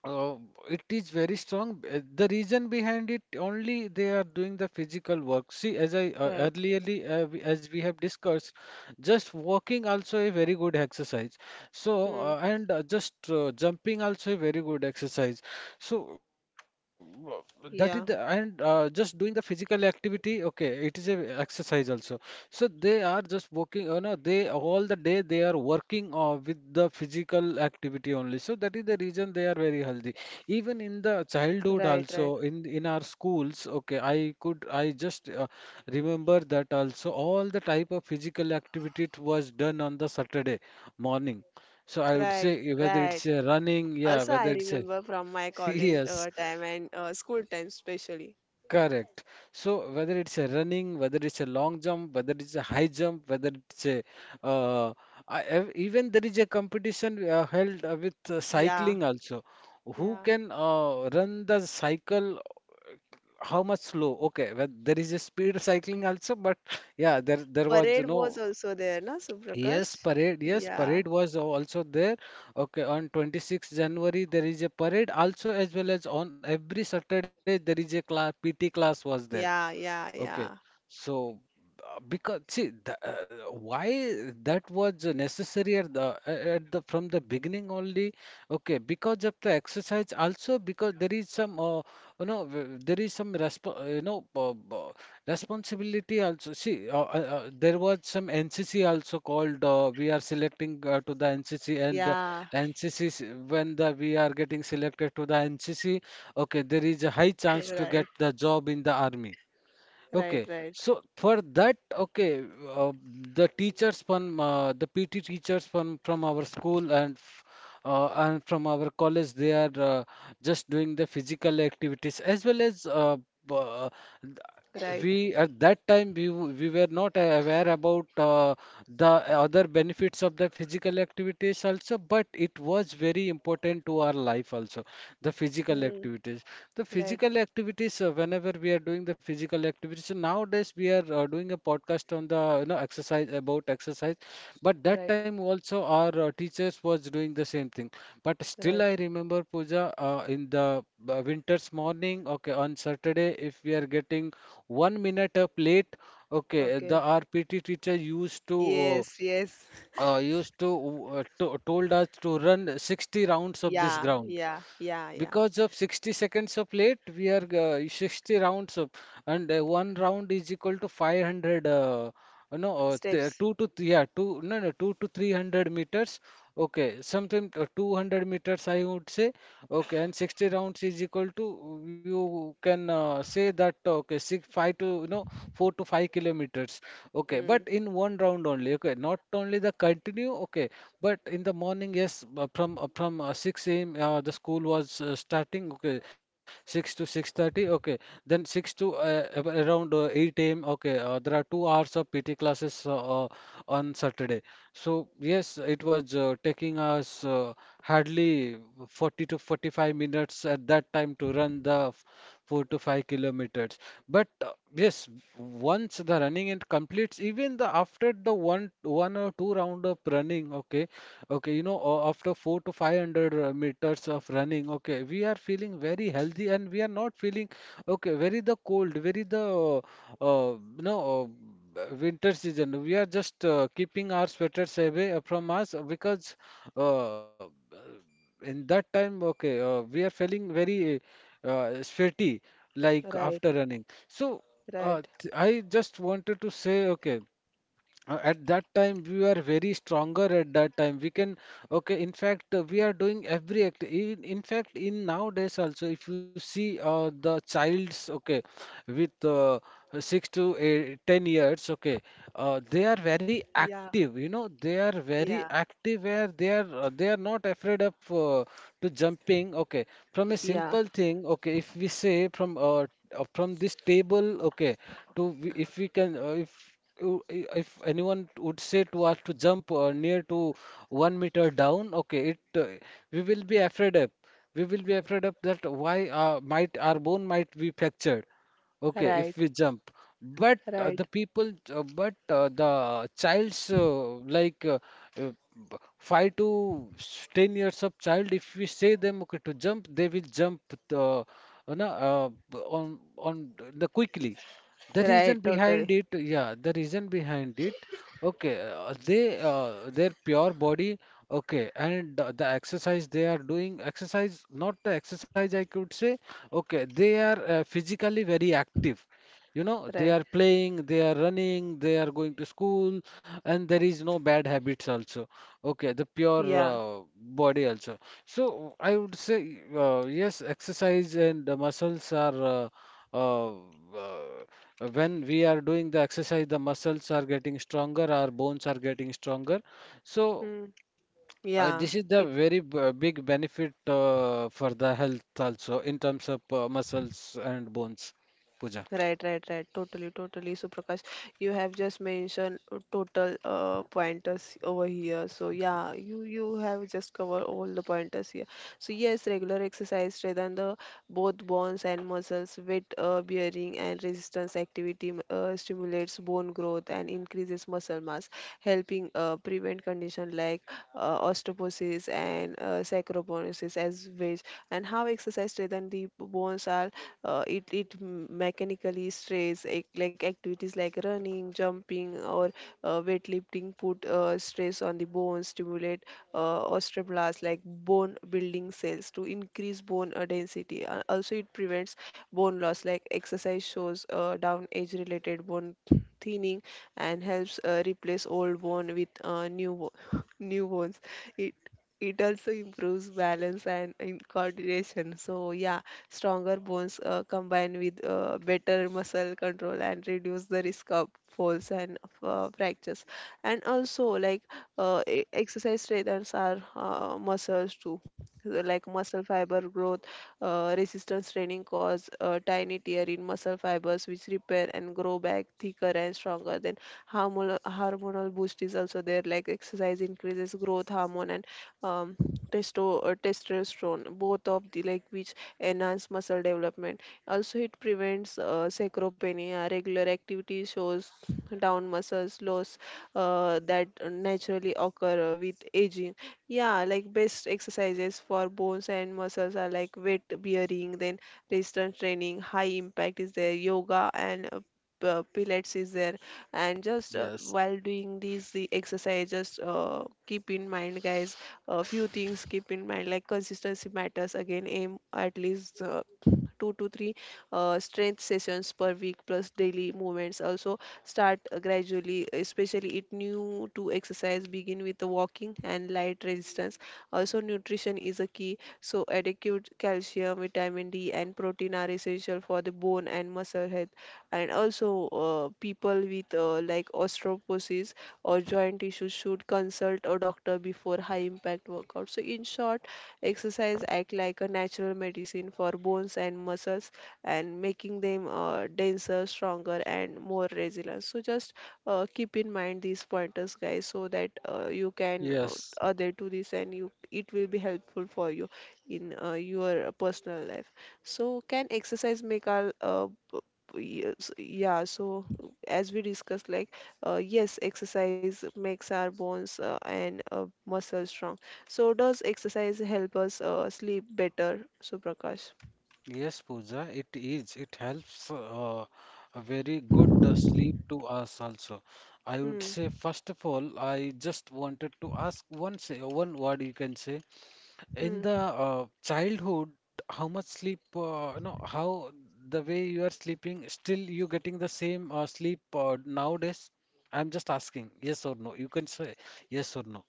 [SPEAKER 2] uh, it is very strong. The reason behind it only they are doing the physical work. See, as I
[SPEAKER 1] Right.
[SPEAKER 2] earlierly, as we have discussed, just walking also a very good exercise. So
[SPEAKER 1] Mm.
[SPEAKER 2] and just jumping also a very good exercise. So uh, that is the, and
[SPEAKER 1] Yeah.
[SPEAKER 2] just doing the physical activity, okay, it is a exercise also. So they are just working, you know, they all the day they are working with the physical activity only. So that is the reason they are very healthy. Even in the childhood
[SPEAKER 1] Right. Right.
[SPEAKER 2] also, in our schools, okay, I could, I just remember that also. All the type of physical activity it was done on the Saturday morning. So I would say
[SPEAKER 1] Right.
[SPEAKER 2] whether
[SPEAKER 1] Right.
[SPEAKER 2] it's a running, yeah,
[SPEAKER 1] Also, I
[SPEAKER 2] whether it's a
[SPEAKER 1] remember from my college
[SPEAKER 2] yes.
[SPEAKER 1] time and school time, especially.
[SPEAKER 2] Correct. So whether it's a running, whether it's a long jump, whether it's a high jump, whether it's a, uh, even there is a competition held with
[SPEAKER 1] Yeah.
[SPEAKER 2] cycling also. Who
[SPEAKER 1] Yeah.
[SPEAKER 2] can run the cycle how much slow? Okay, well, there is a speed cycling also, but yeah, there was
[SPEAKER 1] Parade was
[SPEAKER 2] no,
[SPEAKER 1] also there, na,
[SPEAKER 2] yes,
[SPEAKER 1] Suprakash?
[SPEAKER 2] parade. Yes,
[SPEAKER 1] Yeah.
[SPEAKER 2] parade was also there. Okay, on 26th January there is a parade also, as well as on every Saturday there is a class PT class was there.
[SPEAKER 1] Yeah. Yeah.
[SPEAKER 2] Okay,
[SPEAKER 1] Yeah.
[SPEAKER 2] so because see the, why that was necessary at the from the beginning only. Okay, because of the exercise also, because there is some there is some responsibility also. See, there was some NCC also called, we are selecting to the NCC, and the
[SPEAKER 1] Yeah.
[SPEAKER 2] NCC, when the we are getting selected to the NCC. Okay, there is a high chance to get
[SPEAKER 1] Right.
[SPEAKER 2] the job in the army.
[SPEAKER 1] Right.
[SPEAKER 2] Okay,
[SPEAKER 1] Right.
[SPEAKER 2] so for that, okay, uh, the PT teachers from our school and and from our college, they are just doing the physical activities as well as b- uh,
[SPEAKER 1] Right.
[SPEAKER 2] we at that time we were not aware about the other benefits of the physical activities also, but it was very important to our life also, the physical
[SPEAKER 1] Hmm.
[SPEAKER 2] activities the
[SPEAKER 1] Right.
[SPEAKER 2] physical activities whenever we are doing the physical activities. So nowadays we are doing a podcast on the, you know, exercise about exercise, but that
[SPEAKER 1] Right.
[SPEAKER 2] time also our teachers was doing the same thing. But still
[SPEAKER 1] Right.
[SPEAKER 2] I remember, Pooja, in the winter's morning, okay, on Saturday if we are getting one minute up late, okay, the
[SPEAKER 1] Okay.
[SPEAKER 2] RPT teacher used to
[SPEAKER 1] Yes. Yes.
[SPEAKER 2] uh, uh, used to, uh, to told us to run 60 rounds of this
[SPEAKER 1] Yeah.
[SPEAKER 2] ground,
[SPEAKER 1] Yeah. Yeah. Yeah.
[SPEAKER 2] because of 60 seconds of late we are 60 rounds of, and one round is equal to 500, no,
[SPEAKER 1] Steps.
[SPEAKER 2] two to yeah, two, no, no, two to 300 meters, okay, something 200 meters I would say. Okay, and 60 rounds is equal to, you can say that, okay, six, five to, you know, 4 to 5 kilometers, okay, but
[SPEAKER 1] Hmm.
[SPEAKER 2] in one round only, okay, not only the continue, okay. But in the morning, yes, from 6 a.m. The school was starting. Okay, 6 to 6:30. Okay, then 6 to around 8 a.m. Okay, there are 2 hours of PT classes on Saturday. So, yes, it was taking us hardly 40 to 45 minutes at that time to run the 4 to 5 kilometers. But yes, once the running it completes, even the after the one or two round of running, okay, okay, you know, after 4 to 500 meters of running, okay, we are feeling very healthy and we are not feeling okay, very the cold, very the no, winter season. We are just keeping our sweaters away from us because uh, in that time, okay, we are feeling very sweaty like
[SPEAKER 1] Right.
[SPEAKER 2] after running. So
[SPEAKER 1] Right.
[SPEAKER 2] I just wanted to say, okay. At that time we are very stronger, at that time we can, okay, in fact we are doing every act in fact in nowadays also. If you see the childs, okay, with 6 to eight, 10 years, okay, they are very
[SPEAKER 1] Yeah.
[SPEAKER 2] active. They are
[SPEAKER 1] Yeah,
[SPEAKER 2] very active where they are not afraid of to jumping, okay, from a
[SPEAKER 1] yeah,
[SPEAKER 2] simple thing, okay, if we say from this table, okay, to if we can if if anyone would say to us to jump near to 1 meter down, okay, it we will be afraid of. We will be afraid of that. Why might our bone might be fractured? Okay, if
[SPEAKER 1] right,
[SPEAKER 2] we jump. But uh,
[SPEAKER 1] right,
[SPEAKER 2] the people, uh, but uh, the child's uh, five to 10 years of child, if we say them, okay, to jump, they will jump the on the quickly. The
[SPEAKER 1] right,
[SPEAKER 2] reason behind
[SPEAKER 1] totally,
[SPEAKER 2] it, yeah, the reason behind it, okay, they their pure body, okay, and the exercise they are doing, exercise, not the exercise I could say, okay, they are physically very active. You know, they
[SPEAKER 1] right,
[SPEAKER 2] are playing, they are running, they are going to school, and there is no bad habits also. Okay, the pure
[SPEAKER 1] yeah,
[SPEAKER 2] body also. So I would say, yes, exercise and the muscles are. Uh, when we are doing the exercise, the muscles are getting stronger, our bones are getting stronger. So,
[SPEAKER 1] mm, yeah,
[SPEAKER 2] this is the
[SPEAKER 1] it,
[SPEAKER 2] very big benefit for the health also in terms of muscles and bones. Pooja.
[SPEAKER 1] right, right, right, totally, totally. So Prakash, you have just mentioned total pointers over here. So yeah, you have just covered all the pointers here. So yes, regular exercise rather than the both bones and muscles. Weight bearing and resistance activity stimulates bone growth and increases muscle mass, helping prevent conditions like osteoporosis and sarcoporosis as well. And how exercise strengthens the bones are, it it mechanical physically stress like activities, like running, jumping, or weightlifting put stress on the bones, stimulate osteoblasts, like bone building cells, to increase bone density. Also it prevents bone loss, like exercise shows down age related bone thinning and helps replace old bone with new bo- new bones. it it also improves balance and in coordination, so yeah. Stronger bones combine with better muscle control and reduce the risk of falls and fractures. And also, like exercise strengthens our muscles too. So like muscle fiber growth. Resistance training cause a tiny tear in muscle fibers, which repair and grow back thicker and stronger. Then hormonal boost is also there, like exercise increases growth hormone and um, testosterone, both of the like which enhance muscle development. Also, it prevents sarcopenia. Regular activity shows down muscles loss that naturally occur with aging. Yeah, like best exercises for bones and muscles are like weight bearing, then resistance training, high impact is there, yoga and pilates is there, and just
[SPEAKER 2] Yes.
[SPEAKER 1] while doing these the exercises, just keep in mind, guys, a few things keep in mind, like consistency matters. Again, aim at least two to three strength sessions per week plus daily movements. Also, start gradually, especially it new to exercise, begin with the walking and light resistance. Also, nutrition is a key, so adequate calcium, vitamin D and protein are essential for the bone and muscle health. And also people with like osteoporosis or joint issues should consult a doctor before high impact workout. So in short, exercise act like a natural medicine for bones and muscles, and making them denser, stronger and more resilient. So just keep in mind these pointers, guys, so that you can
[SPEAKER 2] Yes,
[SPEAKER 1] adhere to this, and you it will be helpful for you in your personal life. So can exercise make our yes, yeah, so as we discussed, like, yes, exercise makes our bones and muscles strong. So does exercise help us sleep better, Suprakash?
[SPEAKER 2] yes, Pooja, it is. It helps a very good sleep to us also. I would
[SPEAKER 1] Hmm.
[SPEAKER 2] say, first of all, I just wanted to ask one, say one word you can say. In
[SPEAKER 1] Hmm.
[SPEAKER 2] the childhood, how much sleep, how the way you are sleeping, still you getting the same sleep nowadays? I'm just asking, yes or no. You can say yes or no.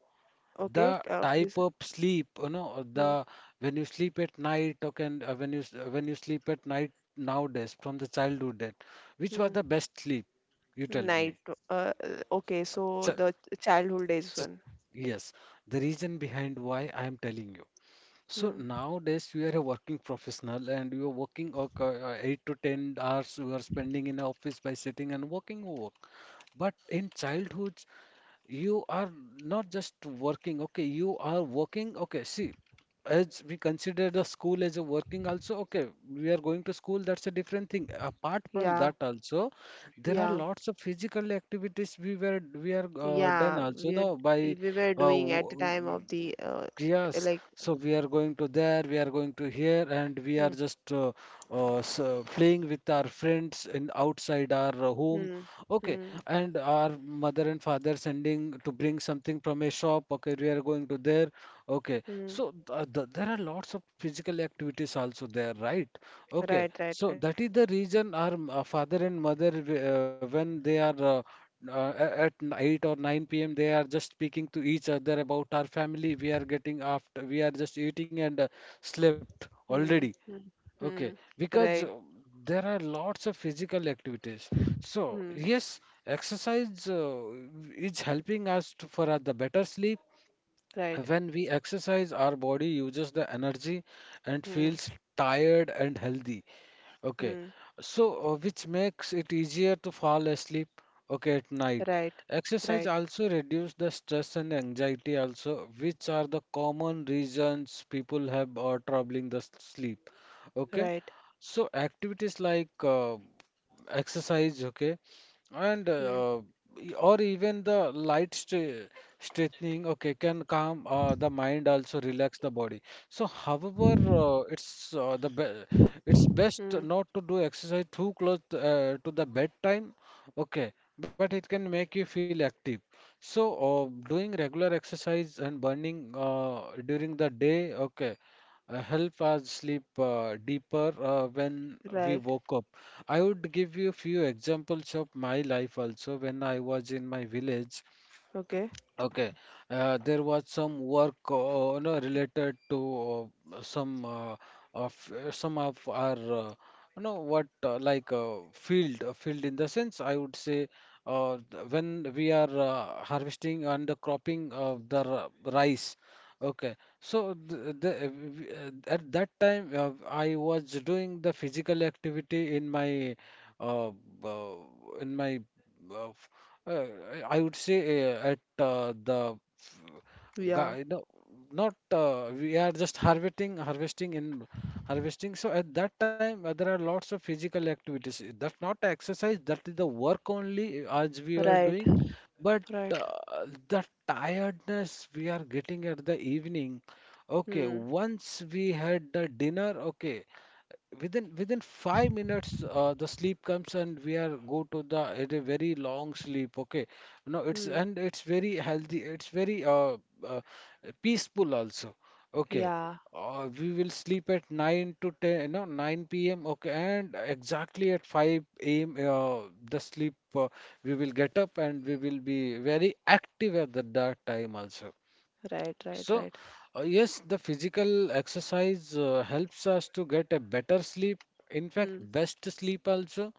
[SPEAKER 1] Okay.
[SPEAKER 2] The type
[SPEAKER 1] Please.
[SPEAKER 2] of sleep,
[SPEAKER 1] Hmm.
[SPEAKER 2] the when you sleep at night, or can when you sleep at night nowadays from the childhood, then, which was
[SPEAKER 1] Hmm.
[SPEAKER 2] the best sleep? You tell me.
[SPEAKER 1] Night. Uh, okay.
[SPEAKER 2] Ch
[SPEAKER 1] So the childhood days
[SPEAKER 2] ch
[SPEAKER 1] one.
[SPEAKER 2] Yes, the reason behind why I am telling you. So
[SPEAKER 1] Hmm.
[SPEAKER 2] nowadays you are a working professional and you are working 8 to 10 hours you are spending in office by sitting and working work. But in childhood you are not just working, okay, you are working, okay, see, as we consider the school as a working also, okay, we are going to school, that's a different thing. Apart from
[SPEAKER 1] Yeah.
[SPEAKER 2] that also, there are
[SPEAKER 1] Yeah.
[SPEAKER 2] lots of physical activities we are done
[SPEAKER 1] Yeah.
[SPEAKER 2] also, no,
[SPEAKER 1] We were
[SPEAKER 2] uh,
[SPEAKER 1] doing at the time
[SPEAKER 2] w-
[SPEAKER 1] of the
[SPEAKER 2] yes,
[SPEAKER 1] like.
[SPEAKER 2] so we are going to there, we are going to here, and we are
[SPEAKER 1] Hmm.
[SPEAKER 2] just so playing with our friends in outside our home.
[SPEAKER 1] Hmm.
[SPEAKER 2] Okay,
[SPEAKER 1] Hmm.
[SPEAKER 2] and our mother and father sending to bring something from a shop, okay, we are going to there, okay,
[SPEAKER 1] Hmm.
[SPEAKER 2] so th th there are lots of physical activities also there, right, okay.
[SPEAKER 1] Right. Right.
[SPEAKER 2] So
[SPEAKER 1] Right.
[SPEAKER 2] that is the reason our father and mother when they are at 8 or 9 p.m. they are just speaking to each other about our family, we are getting after we are just eating and slept
[SPEAKER 1] Hmm.
[SPEAKER 2] already.
[SPEAKER 1] Hmm.
[SPEAKER 2] Okay,
[SPEAKER 1] Hmm.
[SPEAKER 2] because
[SPEAKER 1] Right.
[SPEAKER 2] there are lots of physical activities. So,
[SPEAKER 1] Hmm.
[SPEAKER 2] yes, exercise is helping us to, for the better sleep.
[SPEAKER 1] Right.
[SPEAKER 2] When we exercise, our body uses the energy and
[SPEAKER 1] Hmm.
[SPEAKER 2] feels tired and healthy. Okay,
[SPEAKER 1] Hmm.
[SPEAKER 2] so which makes it easier to fall asleep, okay, at night.
[SPEAKER 1] Right.
[SPEAKER 2] Exercise
[SPEAKER 1] Right.
[SPEAKER 2] also reduce the stress and anxiety also, which are the common reasons people have are troubling the sleep. Okay,
[SPEAKER 1] Right.
[SPEAKER 2] so activities like exercise, okay, and
[SPEAKER 1] Hmm.
[SPEAKER 2] or even the light stre straightening, okay, can calm the mind, also relax the body. So, however, it's the be it's
[SPEAKER 1] Hmm.
[SPEAKER 2] best not to do exercise too close to the bedtime, okay, but it can make you feel active. So, doing regular exercise and burning during the day, okay, help us sleep deeper when we
[SPEAKER 1] Right.
[SPEAKER 2] woke up. I would give you a few examples of my life also when I was in my village.
[SPEAKER 1] Okay.
[SPEAKER 2] Okay, there was some work no, related to uh, some uh, some of our you know what like field field in the sense I would say when we are harvesting and the cropping of the rice. Okay, so at that time I was doing the physical activity in uh, uh, my uh, uh, I would say uh, at uh, the f-
[SPEAKER 1] Yeah.
[SPEAKER 2] guy, no, not we are just harvesting, harvesting in harvesting. So at that time, there are lots of physical activities. That's not exercise. That is the work only as we were
[SPEAKER 1] Right,
[SPEAKER 2] doing. But
[SPEAKER 1] right.
[SPEAKER 2] the tiredness we are getting at the evening. Okay,
[SPEAKER 1] Hmm.
[SPEAKER 2] once we had the dinner. Okay, within 5 minutes the sleep comes and we are go to the it a very long sleep, okay, no, it's
[SPEAKER 1] Hmm.
[SPEAKER 2] and it's very healthy, it's very uh peaceful also, okay.
[SPEAKER 1] Yeah.
[SPEAKER 2] We will sleep at 9 to 10, no, 9 p.m. okay, and exactly at 5 a.m. The sleep we will get up and we will be very active at that time also.
[SPEAKER 1] Right. Right.
[SPEAKER 2] So,
[SPEAKER 1] Right.
[SPEAKER 2] yes, the physical exercise helps us to get a better sleep. In fact,
[SPEAKER 1] Hmm.
[SPEAKER 2] best sleep also.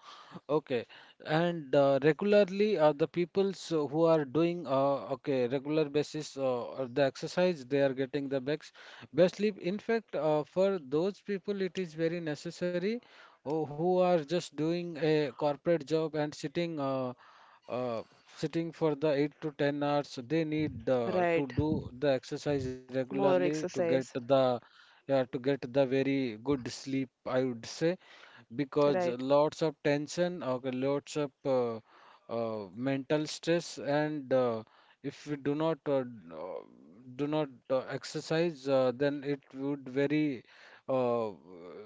[SPEAKER 2] Okay, and regularly the peoples who are doing okay, regular basis the exercise they are getting the best sleep. In fact, for those people it is very necessary who are just doing a corporate job and uh, sitting for the 8 to 10 hours. They need to
[SPEAKER 1] Right.
[SPEAKER 2] do the exercise
[SPEAKER 1] More
[SPEAKER 2] regularly to get
[SPEAKER 1] exercise.
[SPEAKER 2] the yeah, to get the very good sleep, I would say, because
[SPEAKER 1] Right.
[SPEAKER 2] lots of tension or lots of mental stress and if we do not exercise then it would very uh,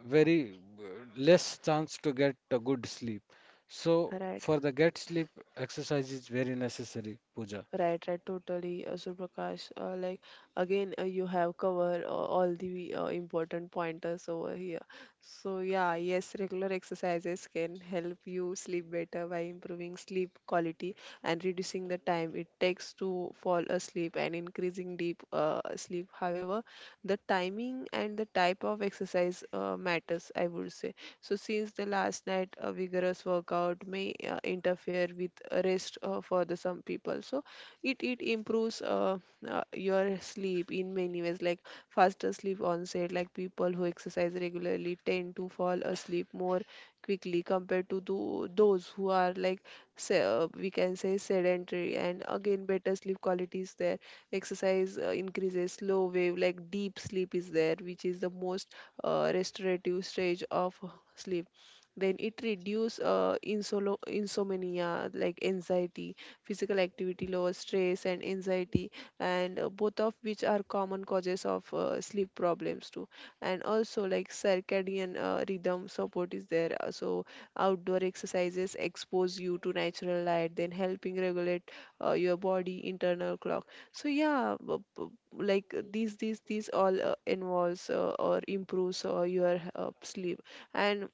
[SPEAKER 2] very less chance to get a good sleep. So
[SPEAKER 1] Right.
[SPEAKER 2] for the get sleep, exercise is very necessary, Pooja.
[SPEAKER 1] Right, right, totally. So Prakash, like again, you have covered all the important pointers over here. So yeah, yes, regular exercises can help you sleep better by improving sleep quality and reducing the time it takes to fall asleep and increasing deep sleep. However, the timing and the type of exercise matters, I would say. So since the last night, a vigorous workout may interfere with rest for the some people. So it improves your sleep in many ways, like faster sleep onset, like people who exercise regularly tend to fall asleep more quickly compared to those who are like we can say sedentary. And again, better sleep quality is there. Exercise increases slow wave, like deep sleep is there, which is the most restorative stage of sleep. Then it reduce insomnia like anxiety. Physical activity lower stress and anxiety, and both of which are common causes of sleep problems too. And also, like circadian rhythm support is there. So outdoor exercises expose you to natural light, then helping regulate your body internal clock. So yeah, like these all involves or improves your sleep. And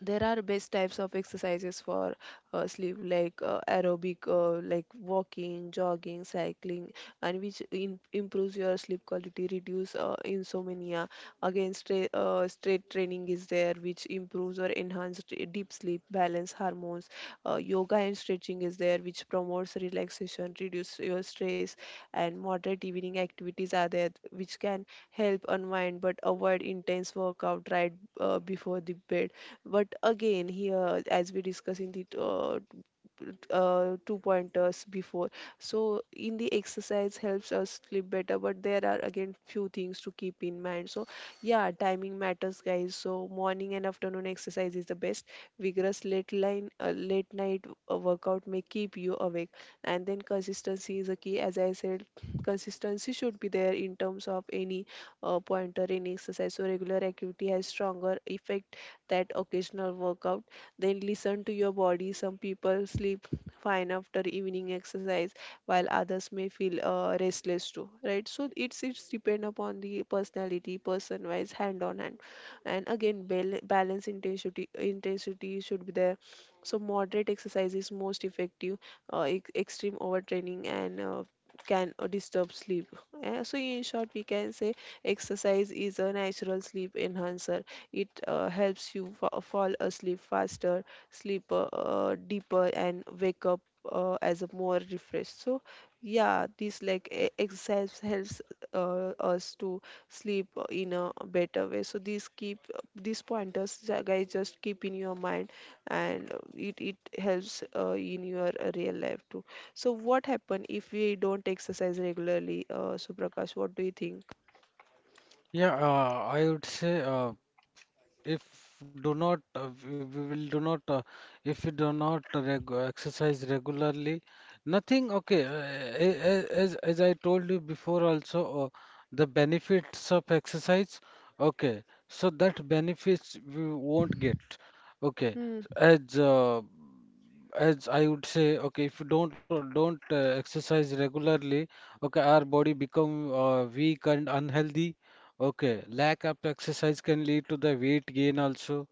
[SPEAKER 1] there are best types of exercises for sleep, like aerobic, like walking, jogging, cycling, and which improves your sleep quality, reduce insomnia. Again, straight training is there, which improves or enhances deep sleep, balance hormones. Uh, yoga and stretching is there, which promotes relaxation, reduce your stress. And moderate evening activities are there, which can help unwind, but avoid intense workout right before the bed. But again, here, as we discuss in the two pointers before. So in the exercise helps us sleep better, but there are again few things to keep in mind. So yeah, timing matters, guys. So morning and afternoon exercise is the best. Vigorous late night workout may keep you awake. And then consistency is a key, as I said. Consistency should be there in terms of any pointer in exercise. So regular activity has stronger effect that occasional workout. Then listen to your body. Some people sleep fine after evening exercise, while others may feel restless too, right? So it's depend upon the personality, person wise, hand on hand. And again, balance, intensity should be there. So moderate exercise is most effective. Extreme overtraining and can disturb sleep. So in short, we can say exercise is a natural sleep enhancer. It helps you fall asleep faster, sleep deeper, and wake up as a more refreshed. So yeah, this like exercise helps us to sleep in a better way. So these keep these pointers, guys, just keep in your mind, and it helps in your real life too. So what happen if we don't exercise regularly? Suprakash, what do you think?
[SPEAKER 2] Yeah, I would say if do not we we will do not if we do not reg exercise regularly, nothing, okay, as I told you before also, the benefits of exercise, okay, so that benefits we won't get, okay.
[SPEAKER 1] Hmm.
[SPEAKER 2] As uh, as I would say, okay, if you don't exercise regularly, okay, our body become weak and unhealthy. Okay, lack of exercise can lead to the weight gain also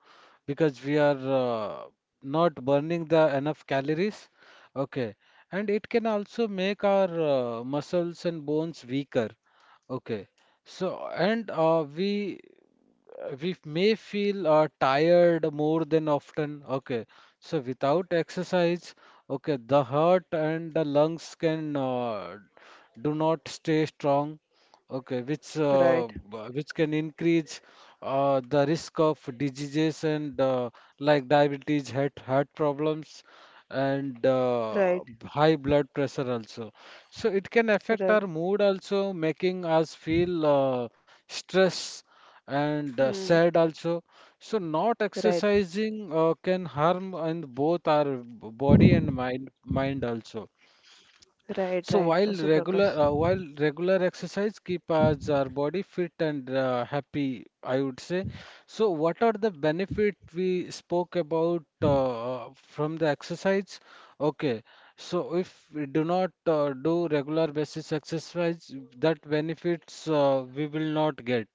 [SPEAKER 2] because we are not burning the enough calories. Okay, and it can also make our muscles and bones weaker. Okay, so and we may feel tired more than often. Okay, so without exercise, okay, the heart and the lungs can do not stay strong. Okay,
[SPEAKER 1] Right.
[SPEAKER 2] which can increase the risk of diseases and like diabetes, heart problems, and
[SPEAKER 1] Right,
[SPEAKER 2] high blood pressure also. So it can affect our
[SPEAKER 1] right.
[SPEAKER 2] mood also, making us feel stress and
[SPEAKER 1] Hmm.
[SPEAKER 2] sad also. So not
[SPEAKER 1] Right,
[SPEAKER 2] exercising can harm and both our body and mind also.
[SPEAKER 1] right,
[SPEAKER 2] So
[SPEAKER 1] right, Suprakash.
[SPEAKER 2] while regular exercise keep us our body fit and happy, I would say. So what are the benefit we spoke about from the exercise? Okay, so if we do not do regular basis exercise, that benefits we will not get.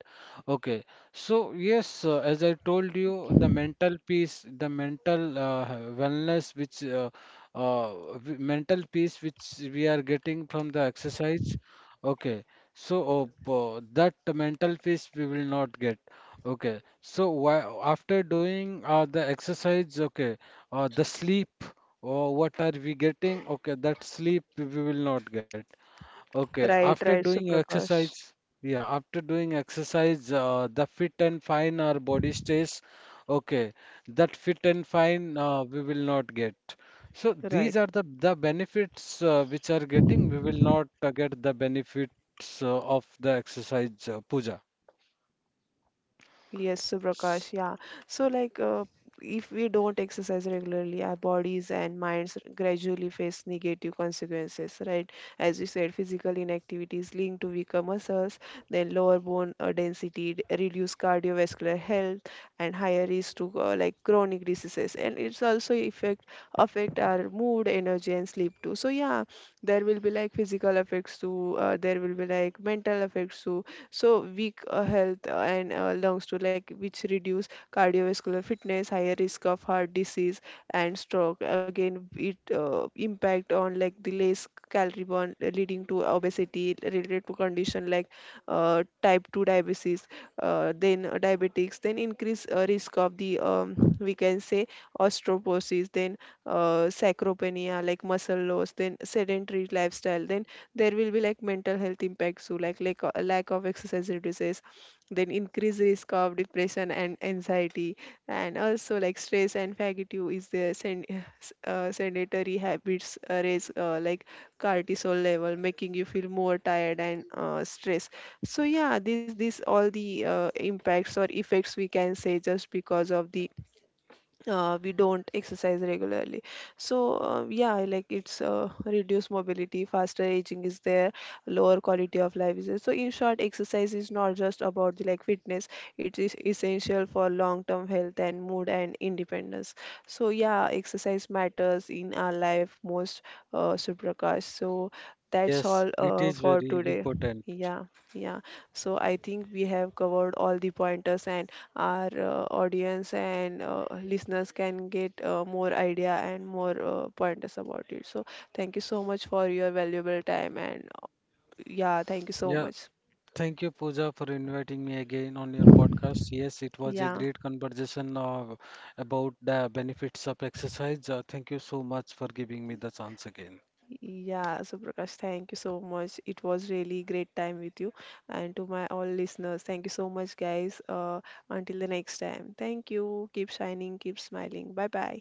[SPEAKER 2] Okay, so yes, as I told you, the mental peace, the mental wellness mental peace which we are getting from the exercise. Okay, so that mental peace we will not get. Okay, so why, after doing the exercise, okay, the sleep, what are we getting? Okay, that sleep we will not get. Okay,
[SPEAKER 1] Right,
[SPEAKER 2] after
[SPEAKER 1] right,
[SPEAKER 2] doing
[SPEAKER 1] Suprakash.
[SPEAKER 2] exercise, yeah, after doing exercise, the fit and fine our body stays. Okay, that fit and fine we will not get. So these
[SPEAKER 1] Right.
[SPEAKER 2] are the benefits which are getting. We will not get the benefits of the exercise, puja.
[SPEAKER 1] Yes,
[SPEAKER 2] S-
[SPEAKER 1] Subrakash, yeah. So, like, if we don't exercise regularly, our bodies and minds gradually face negative consequences, right? As you said, physical inactivity is linked to weaker muscles, then lower bone density, reduced cardiovascular health, and higher risk to like chronic diseases. And it's also affect our mood, energy, and sleep too. So yeah, there will be like physical effects too. There will be like mental effects too. So weak health and lungs too, like which reduce cardiovascular fitness, higher risk of heart disease and stroke. Again, it impact on like the less calorie burn leading to obesity related to condition like type 2 diabetes, then diabetics, then increase risk of the we can say osteoporosis, then sarcopenia, like muscle loss, then sedentary lifestyle. Then there will be like mental health impacts too, like lack of exercise reduces, then increased risk of depression and anxiety. And also like stress and fatigue is the sedentary habits raise like cortisol level, making you feel more tired and stressed. So yeah, this all the impacts or effects, we can say, just because of the we don't exercise regularly. So yeah, like it's reduced mobility, faster aging is there, lower quality of life is there. So in short, exercise is not just about the like fitness, it is essential for long term health and mood and independence. So yeah, exercise matters in our life most, Suprakash. So that's
[SPEAKER 2] Yes,
[SPEAKER 1] all
[SPEAKER 2] it is
[SPEAKER 1] for
[SPEAKER 2] very
[SPEAKER 1] today.
[SPEAKER 2] important.
[SPEAKER 1] Yeah. Yeah, so I think we have covered all the pointers, and our audience and listeners can get more idea and more pointers about it. So thank you so much for your valuable time, and yeah, thank you so
[SPEAKER 2] Yeah,
[SPEAKER 1] much.
[SPEAKER 2] thank you, Pooja, for inviting me again on your podcast. Yes, it was a
[SPEAKER 1] Yeah.
[SPEAKER 2] great conversation about the benefits of exercise. Thank you so much for giving me the chance again.
[SPEAKER 1] Yeah, so Prakash, thank you so much. It was really great time with you. And to my all listeners, thank you so much, guys. Until the next time, thank you. Keep shining, keep smiling. Bye bye.